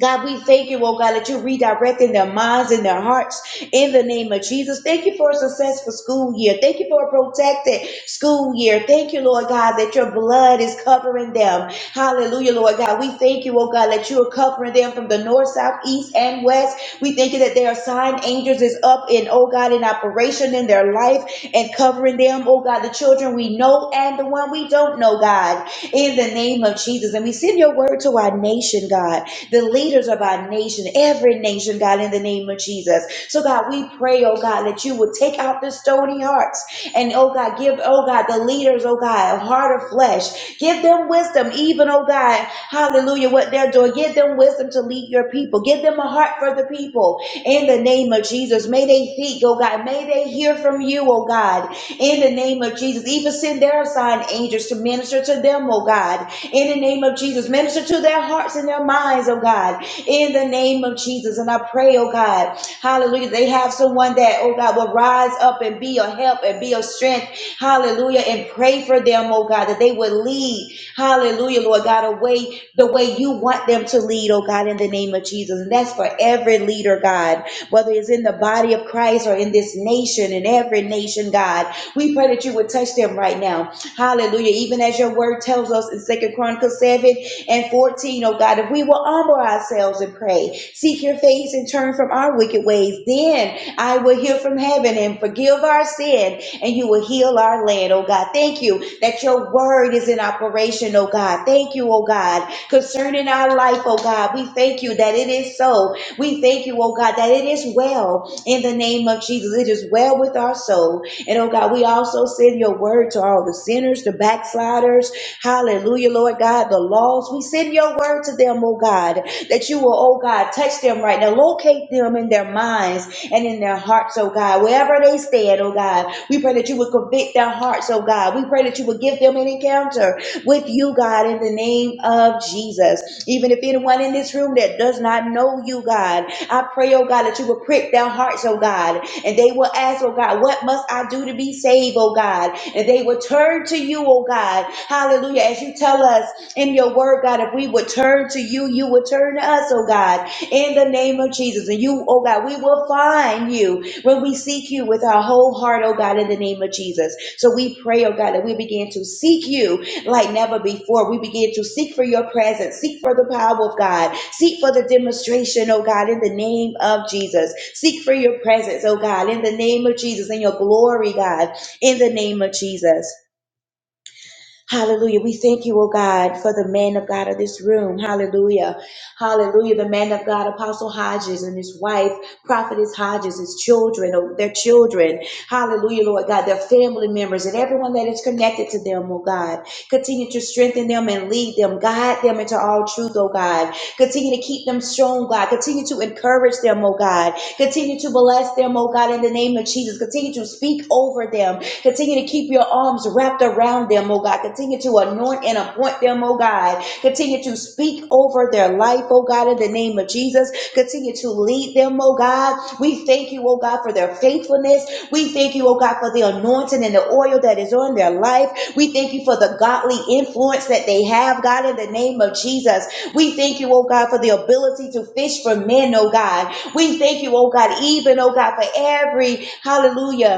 [SPEAKER 2] God, we thank you, oh God, that you're redirecting their minds and their hearts in the name of Jesus. Thank you for a successful school year. Thank you for a protected school year. Thank you, Lord God, that your blood is covering them. Hallelujah, Lord God. We thank you, oh God, that you are covering them from the north, south, east, and west. We thank you that their assigned angels is up in, oh God, in operation in their life and covering them, oh God, the children we know we know and the one we don't know, God, in the name of Jesus. And we send your word to our nation, God, the leaders of our nation, every nation, God, in the name of Jesus. So, God, we pray, oh God, that you would take out the stony hearts and, oh God, give, oh God, the leaders, oh God, a heart of flesh. Give them wisdom, even, oh God, hallelujah, what they're doing. Give them wisdom to lead your people. Give them a heart for the people in the name of Jesus. May they think, oh God, may they hear from you, oh God, in the name of Jesus. Even send their assigned angels to minister to them, oh God, in the name of Jesus. Minister to their hearts and their minds, oh God, in the name of Jesus. And I pray, oh God. God. Hallelujah. They have someone that, oh God, will rise up and be a help and be a strength. Hallelujah. And pray for them, oh God, that they would lead. Hallelujah, Lord God, away the way you want them to lead, oh God, in the name of Jesus. And that's for every leader, God, whether it's in the body of Christ or in this nation, in every nation, God. We pray that you would touch them right now. Hallelujah. Even as your word tells us in Second Chronicles 7 and 14, O God, if we will humble ourselves and pray, seek your face and turn from our wicked ways, then I will hear from heaven and forgive our sin and you will heal our land, oh God. Thank you that your word is in operation, oh God. Thank you, oh God, concerning our life, oh God. We thank you that it is so. We thank you, oh God, that it is well in the name of Jesus. It is well with our soul. And oh God, we also send your word to all the sinners, the backsliders. Hallelujah, Lord God, the lost. We send your word to them, oh God, that you will, oh God, touch them right now. Locate them in their minds and in their hearts, oh God. Wherever they stand, oh God, we pray that you would convict their hearts, oh God. We pray that you would give them an encounter with you, God, in the name of Jesus. Even if anyone in this room that does not know you, God, I pray, oh God, that you will prick their hearts, oh God, and they will ask, oh God, what must I do to be saved, oh God? And they will turn to you, oh God. Hallelujah. As you tell us in your word, God, if we would turn to you, you would turn to us, oh God. In the name the name of Jesus. And you, oh God, we will find you when we seek you with our whole heart, oh God, in the name of Jesus. So we pray, oh God, that we begin to seek you like never before. We begin to seek for your presence, seek for the power of God, seek for the demonstration, oh God, in the name of Jesus. Seek for your presence, oh God, in the name of Jesus, and your glory, God, in the name of Jesus. Hallelujah. We thank you, oh God, for the man of God of this room. Hallelujah. Hallelujah. The man of God, Apostle Hodges and his wife. Prophetess Hodges, his children, or their children. Hallelujah, Lord God, their family members and everyone that is connected to them, oh God. Continue to strengthen them and lead them. Guide them into all truth, oh God. Continue to keep them strong, God. Continue to encourage them, oh God. Continue to bless them, oh God, in the name of Jesus. Continue to speak over them. Continue to keep your arms wrapped around them, oh God. Continue to anoint and appoint them, oh God. Continue to speak over their life, oh God, in the name of Jesus. Continue to lead them, oh God. We thank you, oh God, for their faithfulness. We thank you, oh God, for the anointing and the oil that is on their life. We thank you for the godly influence that they have, God, in the name of Jesus. We thank you, oh God, for the ability to fish for men, oh God. We thank you, oh God, even, oh God, for every hallelujah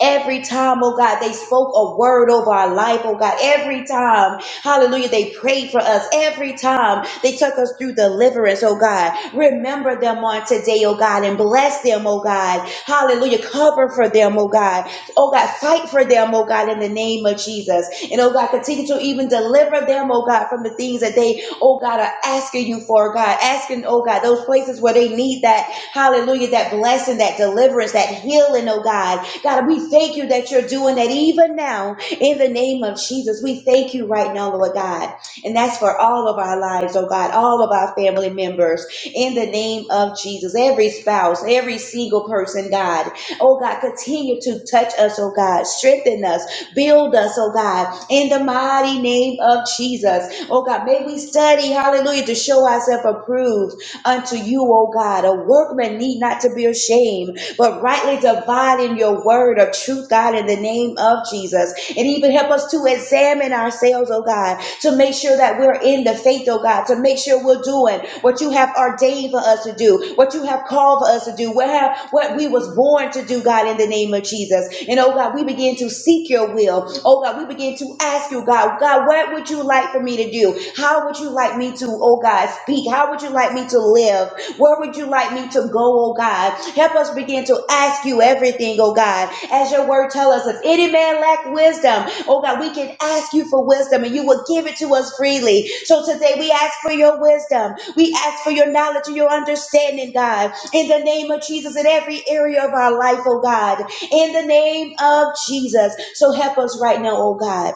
[SPEAKER 2] Every time, oh God, they spoke a word over our life, oh God. Every time, hallelujah, they prayed for us. Every time they took us through deliverance, oh God. Remember them on today, oh God, and bless them, oh God. Hallelujah. Cover for them, oh God. Oh God, fight for them, oh God, in the name of Jesus. And oh God, continue to even deliver them, oh God, from the things that they, oh God, are asking you for, God. Asking, oh God, those places where they need that, hallelujah, that blessing, that deliverance, that healing, oh God. God, we thank you that you're doing that even now in the name of Jesus. We thank you right now, Lord God. And that's for all of our lives, oh God, all of our family members in the name of Jesus. Every spouse, every single person, God. Oh God, continue to touch us, oh God. Strengthen us, build us, oh God, in the mighty name of Jesus. Oh God, may we study, hallelujah, to show ourselves approved unto you, O God. A workman need not to be ashamed, but rightly dividing your word of truth, God, in the name of Jesus. And even help us to examine ourselves, oh God, to make sure that we're in the faith, oh God, to make sure we're doing what you have ordained for us to do, what you have called for us to do, what, have, what we was born to do, God, in the name of Jesus. And oh God, we begin to seek your will. Oh God, we begin to ask you, God, God, what would you like for me to do? How would you like me to, oh God, speak? How would you like me to live? Where would you like me to go, oh God? Help us begin to ask you everything, oh God. As your word tells us, if any man lack wisdom, oh God, we can ask you for wisdom and you will give it to us freely. So today we ask for your wisdom. We ask for your knowledge and your understanding, God. In the name of Jesus, in every area of our life, oh God. In the name of Jesus. So help us right now, oh God.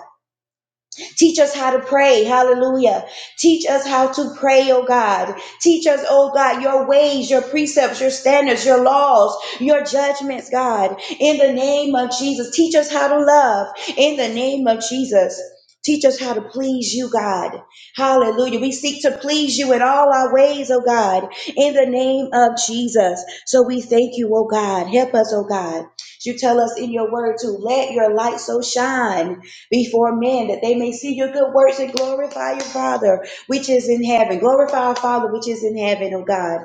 [SPEAKER 2] Teach us how to pray. Hallelujah. Teach us how to pray, oh God. Teach us, oh God, your ways, your precepts, your standards, your laws, your judgments, God. In the name of Jesus, teach us how to love. In the name of Jesus. Teach us how to please you, God. Hallelujah. We seek to please you in all our ways, oh God, in the name of Jesus. So we thank you, oh God. Help us, oh God. You tell us in your word to let your light so shine before men, that they may see your good works and glorify your Father which is in heaven. Glorify our Father which is in heaven, oh God.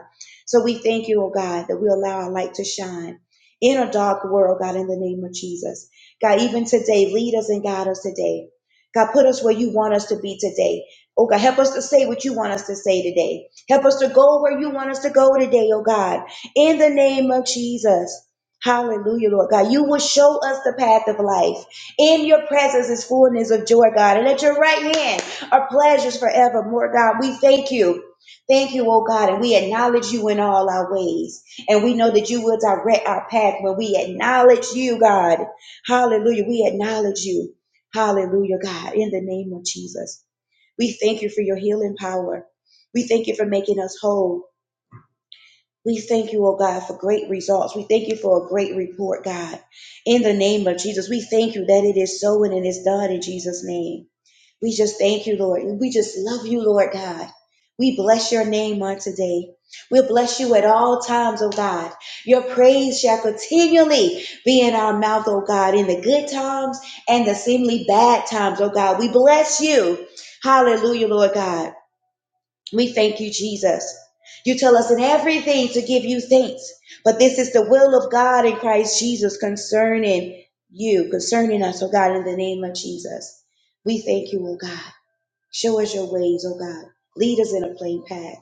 [SPEAKER 2] So we thank you, oh God, that we allow our light to shine in a dark world, God, in the name of Jesus. God, even today, lead us and guide us today. God, put us where you want us to be today. Oh God, help us to say what you want us to say today. Help us to go where you want us to go today, oh God, in the name of Jesus. Hallelujah, Lord God. You will show us the path of life. In your presence is fullness of joy, God, and at your right hand are pleasures forevermore, God. We thank you. Thank you, oh God, and we acknowledge you in all our ways. And we know that you will direct our path when we acknowledge you, God. Hallelujah. We acknowledge you. Hallelujah, God, in the name of Jesus. We thank you for your healing power. We thank you for making us whole. We thank you, oh God, for great results. We thank you for a great report, God. In the name of Jesus, we thank you that it is so and it is done in Jesus' name. We just thank you, Lord. We just love you, Lord God. We bless your name on today. We'll bless you at all times, oh God. Your praise shall continually be in our mouth, oh God, in the good times and the seemingly bad times, oh God. We bless you. Hallelujah, Lord God. We thank you, Jesus. You tell us in everything to give you thanks, but this is the will of God in Christ Jesus concerning you, concerning us, oh God, in the name of Jesus. We thank you, oh God. Show us your ways, oh God. Lead us in a plain path.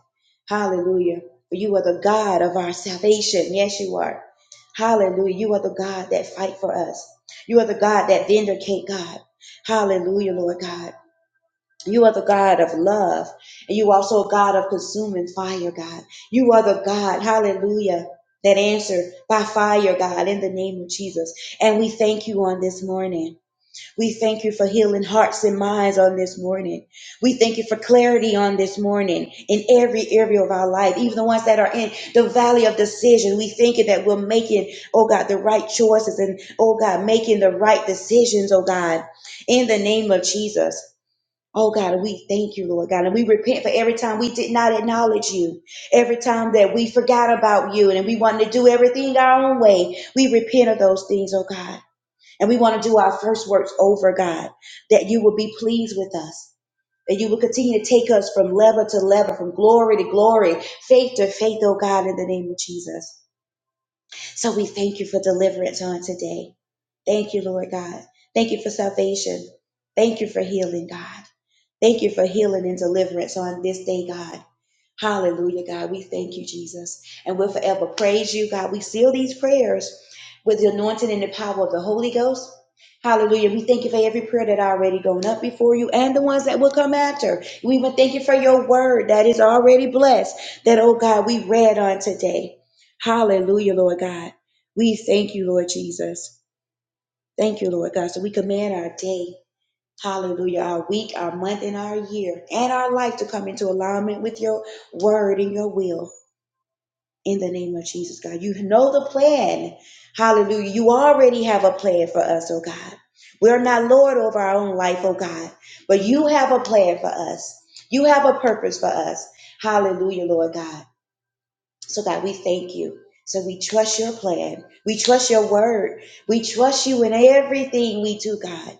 [SPEAKER 2] Hallelujah. For you are the God of our salvation. Yes, you are. Hallelujah. You are the God that fight for us. You are the God that vindicate God. Hallelujah, Lord God. You are the God of love. And you also a God of consuming fire, God. You are the God, hallelujah, that answered by fire, God, in the name of Jesus. And we thank you on this morning. We thank you for healing hearts and minds on this morning. We thank you for clarity on this morning in every area of our life, even the ones that are in the valley of decision. We thank you that we're making, oh God, the right choices and, oh God, making the right decisions, oh God, in the name of Jesus. Oh God, and we thank you, Lord God. And we repent for every time we did not acknowledge you, every time that we forgot about you and we wanted to do everything our own way. We repent of those things, oh God. And we want to do our first works over, God, that you will be pleased with us, that you will continue to take us from level to level, from glory to glory, faith to faith, oh God, in the name of Jesus. So we thank you for deliverance on today. Thank you, Lord God. Thank you for salvation. Thank you for healing, God. Thank you for healing and deliverance on this day, God. Hallelujah, God. We thank you, Jesus. And we'll forever praise you, God. We seal these prayers with the anointing and the power of the Holy Ghost. Hallelujah. We thank you for every prayer that already gone up before you and the ones that will come after. We even thank you for your word that is already blessed, that, oh God, we read on today. Hallelujah, Lord God. We thank you, Lord Jesus. Thank you, Lord God. So we command our day, hallelujah, our week, our month, and our year, and our life to come into alignment with your word and your will. In the name of Jesus, God. You know the plan. Hallelujah. You already have a plan for us, oh God. We're not Lord over our own life, oh God, but you have a plan for us. You have a purpose for us. Hallelujah, Lord God. So, God, we thank you. So, we trust your plan. We trust your word. We trust you in everything we do, God.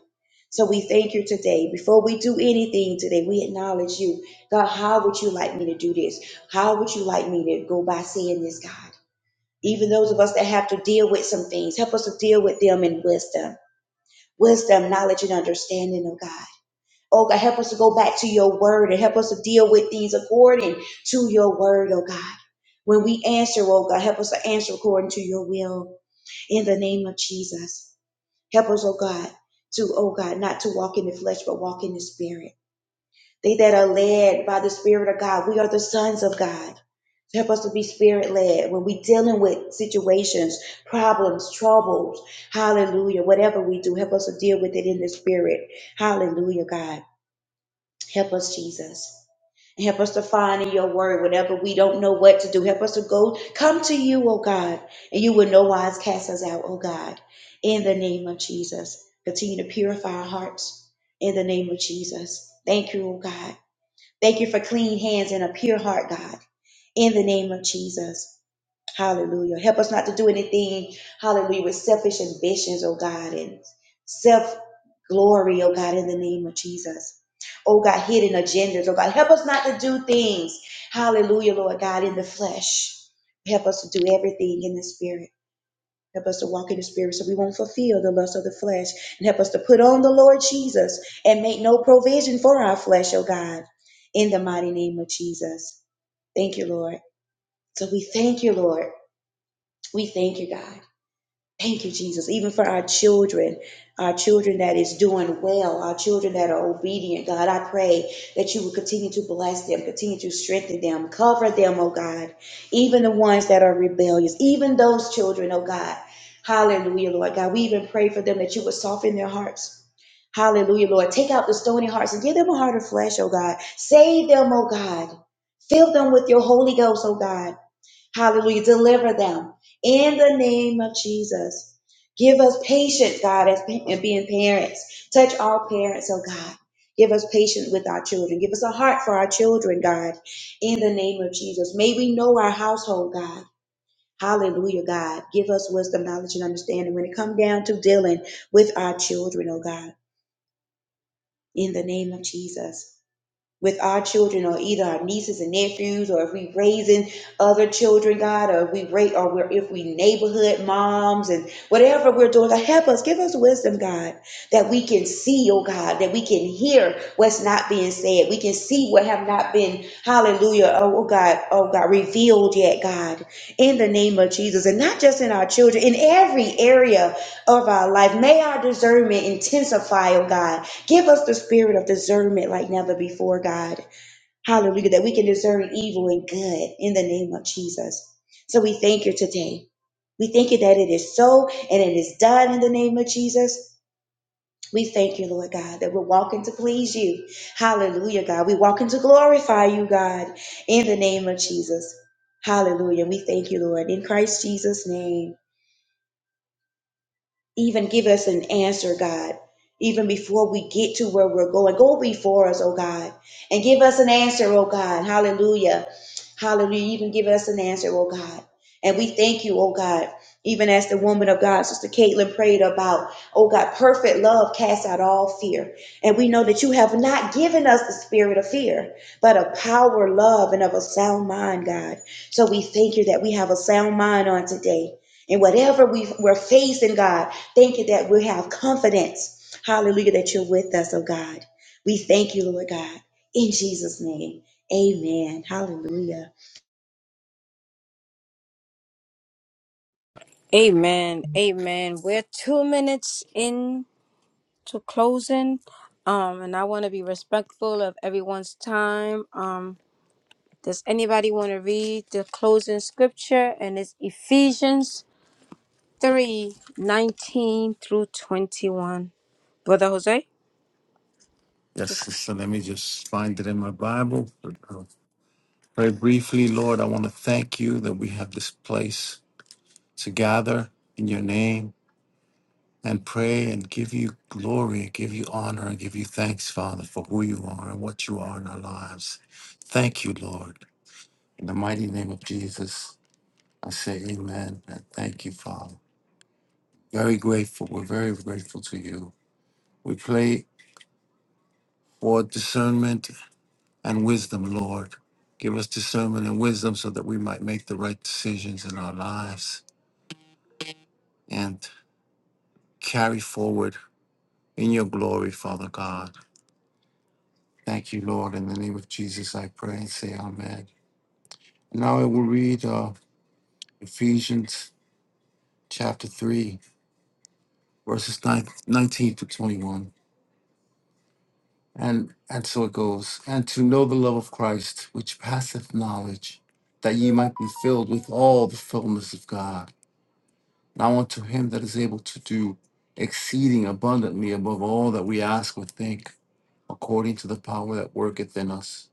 [SPEAKER 2] So we thank you today. Before we do anything today, we acknowledge you. God, how would you like me to do this? How would you like me to go by saying this, God? Even those of us that have to deal with some things, help us to deal with them in wisdom, wisdom, knowledge, and understanding of God. Oh God, help us to go back to your word and help us to deal with things according to your word, oh God. When we answer, oh God, help us to answer according to your will in the name of Jesus. Help us, oh God, to, oh God, not to walk in the flesh, but walk in the spirit. They that are led by the Spirit of God, we are the sons of God. So help us to be spirit led when we dealing with situations, problems, troubles. Hallelujah. Whatever we do, help us to deal with it in the spirit. Hallelujah, God. Help us, Jesus. Help us to find in your word whenever we don't know what to do. Help us to go, come to you, oh God, and you will no wise cast us out, oh God. In the name of Jesus, continue to purify our hearts. In the name of Jesus, thank you, oh God. Thank you for clean hands and a pure heart, God. In the name of Jesus. Hallelujah. Help us not to do anything, hallelujah, with selfish ambitions, oh God, and self glory, oh God, in the name of Jesus. Oh God, hidden agendas, oh God. Help us not to do things, hallelujah, Lord God, in the flesh. Help us to do everything in the spirit. Help us to walk in the spirit so we won't fulfill the lust of the flesh. And help us to put on the Lord Jesus and make no provision for our flesh, oh God, in the mighty name of Jesus. Thank you, Lord. So we thank you, Lord. We thank you, God. Thank you, Jesus. Even for our children, our children that is doing well, our children that are obedient, God, I pray that you would continue to bless them, continue to strengthen them, cover them, oh God. Even the ones that are rebellious, even those children, oh God. Hallelujah, Lord God. We even pray for them that you would soften their hearts. Hallelujah, Lord. Take out the stony hearts and give them a heart of flesh, oh God. Save them, oh God. Fill them with your Holy Ghost, oh God. Hallelujah. Deliver them in the name of Jesus. Give us patience, God, as pa- and being parents. Touch all parents, oh God. Give us patience with our children. Give us a heart for our children, God, in the name of Jesus. May we know our household, God. Hallelujah, God. Give us wisdom, knowledge, and understanding when it comes down to dealing with our children, oh God, in the name of Jesus with our children or either our nieces and nephews or if we raising other children, God, or if we rate or we're, if we neighborhood moms and whatever we're doing, God, help us, give us wisdom, God, that we can see, oh God, that we can hear what's not being said. We can see what have not been, hallelujah, oh, oh God, oh God, revealed yet, God, in the name of Jesus. And not just in our children, in every area of our life. May our discernment intensify, oh God Give us the spirit of discernment like never before, God. Hallelujah, that we can discern evil and good in the name of Jesus. So we thank you today. We thank you that it is so and it is done in the name of Jesus. We thank you, Lord God, that we're walking to please you. Hallelujah, God. We're walking to glorify you, God, in the name of Jesus. Hallelujah. We thank you, Lord, in Christ Jesus' name. even give us an answer, God, even before we get to where we're going. Go before us, oh God, and give us an answer, oh God. Hallelujah. Hallelujah. Even give us an answer, oh God. And we thank you, oh God, even as the woman of God, Sister Caitlin, prayed about, oh God, perfect love casts out all fear. And we know that you have not given us the spirit of fear, but of power, love, and of a sound mind, God. So we thank you that we have a sound mind on today. And whatever we, we're facing, God, Thank you that we have confidence. Hallelujah, that you're with us, oh God. We thank you, Lord God, in Jesus' name. Amen. Hallelujah.
[SPEAKER 1] Amen. Amen. We're two minutes in to closing. Um, and I want to be respectful of everyone's time. Um, Does anybody want to read the closing scripture? And it's Ephesians 3 19 through 21. Brother Jose, just-
[SPEAKER 4] sister, let me just find it in my Bible. Very briefly, Lord, I want to thank you that we have this place to gather in your name and pray and give you glory, give you honor, and give you thanks, Father, for who you are and what you are in our lives. Thank you, Lord. In the mighty name of Jesus, I say amen and thank you, Father. Very grateful. We're very grateful to you. We pray for discernment and wisdom, Lord. Give us discernment and wisdom so that we might make the right decisions in our lives. and. carry forward in your glory, Father God. Thank you, Lord. In the name of Jesus, I pray and say amen. Now I will read uh, Ephesians chapter 3, verses 9, 19 to 21. And, and so it goes. And to know the love of Christ, which passeth knowledge, that ye might be filled with all the fullness of God. Now unto him that is able to do exceeding abundantly above all that we ask or think, according to the power that worketh in us.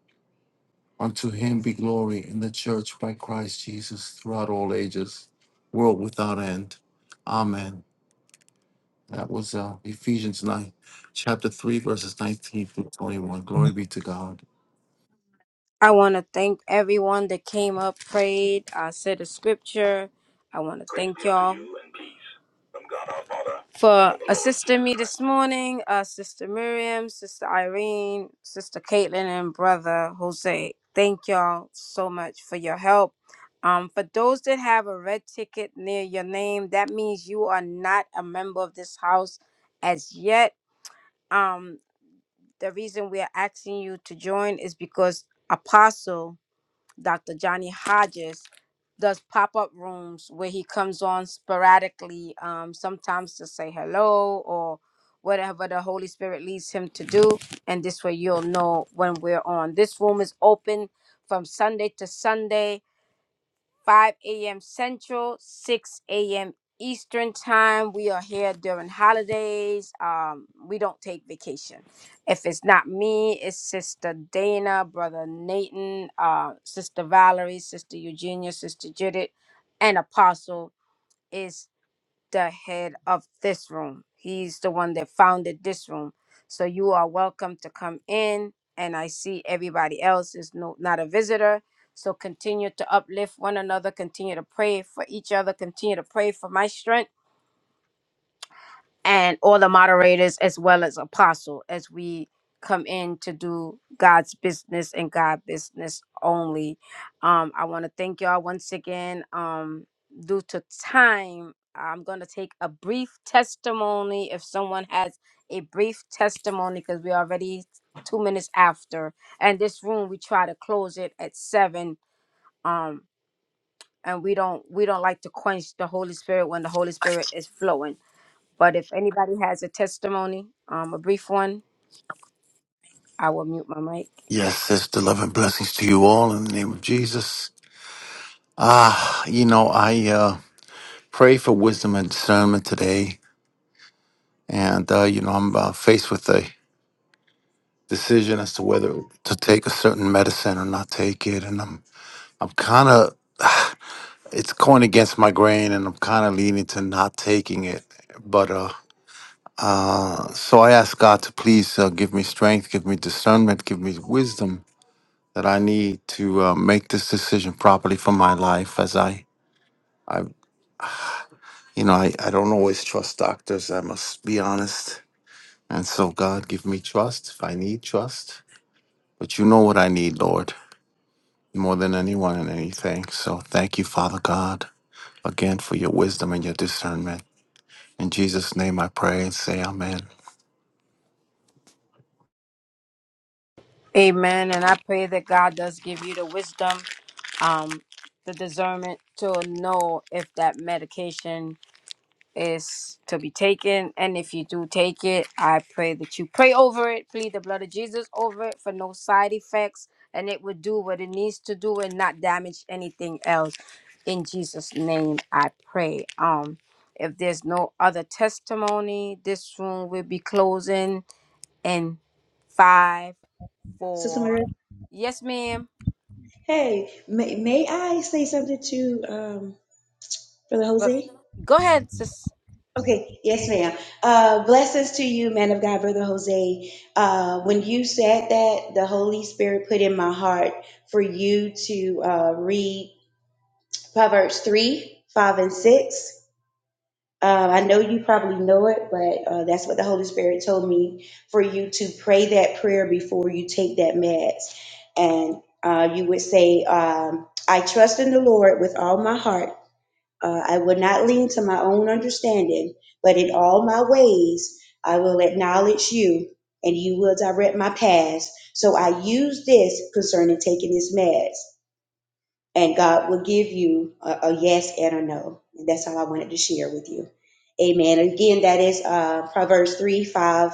[SPEAKER 4] Unto him be glory in the church by Christ Jesus throughout all ages, world without end. Amen. That was uh, Ephesians 9, chapter 3, verses 19 through 21. Glory be to God.
[SPEAKER 1] I want to thank everyone that came up, prayed. I said a scripture. I want to thank y'all. for assisting me this morning, uh, Sister Miriam, Sister Irene, Sister Caitlin, and Brother Jose. Thank y'all so much for your help. Um, for those that have a red ticket near your name, that means you are not a member of this house as yet. Um, the reason we are asking you to join is because Apostle Dr. Johnny Hodges does pop up rooms where he comes on sporadically, um, sometimes to say hello or whatever the Holy Spirit leads him to do. And this way you'll know when we're on. This room is open from Sunday to Sunday. 5 a.m. Central, 6 a.m. Eastern Time. We are here during holidays. Um, we don't take vacation. If it's not me, it's Sister Dana, Brother Nathan, uh, Sister Valerie, Sister Eugenia, Sister Judith, and Apostle. is the head of this room. He's the one that founded this room. So you are welcome to come in. And I see everybody else is no, not a visitor. So continue to uplift one another. Continue to pray for each other. Continue to pray for my strength and all the moderators as well as apostle as we come in to do god's business and god business only um i want to thank y'all once again um due to time i'm going to take a brief testimony if someone has a brief testimony because we're already two minutes after and this room we try to close it at seven um and we don't we don't like to quench the holy spirit when the holy spirit is flowing but if anybody has a testimony, um, a brief one, I will mute my mic.
[SPEAKER 4] Yes, sister, love and blessings to you all in the name of Jesus. Ah, you know, I uh, pray for wisdom and discernment today. And, uh, you know, I'm uh, faced with a decision as to whether to take a certain medicine or not take it. And I'm, I'm kind of. [SIGHS] it's going against my grain and I'm kind of leaning to not taking it. But uh, uh, so I ask God to please uh, give me strength, give me discernment, give me wisdom that I need to uh, make this decision properly for my life as I, I you know, I, I don't always trust doctors. I must be honest. And so God, give me trust if I need trust. But you know what I need, Lord, more than anyone and anything. So thank you, Father God, again for your wisdom and your discernment. In Jesus' name I pray and say amen.
[SPEAKER 1] Amen. And I pray that God does give you the wisdom, um, the discernment to know if that medication is to be taken. And if you do take it, I pray that you pray over it, plead the blood of Jesus over it for no side effects, and it will do what it needs to do and not damage anything else. In Jesus' name, I pray. Um, if there's no other testimony, this room will be closing in five,
[SPEAKER 2] Sister
[SPEAKER 1] four.
[SPEAKER 2] Maria,
[SPEAKER 1] Yes, ma'am.
[SPEAKER 2] hey, may, may I say something to um, Brother
[SPEAKER 1] But
[SPEAKER 2] Jose?
[SPEAKER 1] go ahead, sis.
[SPEAKER 2] Okay, yes, ma'am. Uh, blessings to you, man of God, Brother Jose. Uh, when you said that, the Holy Spirit put in my heart for you to uh, read Proverbs 3 5 and 6 Um, I know you probably know it, but uh, that's what the Holy Spirit told me for you to pray that prayer before you take that meds. And uh, you would say, um, I trust in the Lord with all my heart. Uh, I will not lean to my own understanding, but in all my ways I will acknowledge you, and you will direct my paths. So I use this concerning taking this meds and God will give you a, a yes and a no. And that's all I wanted to share with you. Amen. Again, that is uh, Proverbs 3, 5,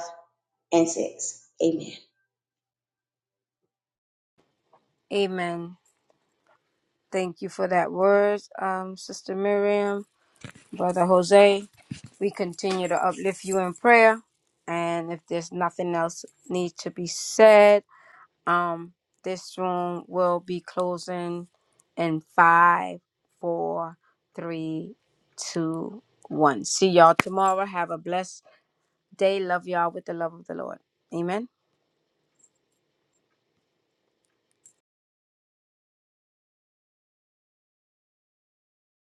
[SPEAKER 2] and 6. Amen.
[SPEAKER 1] Amen. Thank you for that word, um, Sister Miriam. Brother Jose, we continue to uplift you in prayer. And if there's nothing else need to be said, um, this room will be closing in five, four, three, two, one. See y'all tomorrow. Have a blessed day. Love y'all with the love of the Lord. Amen.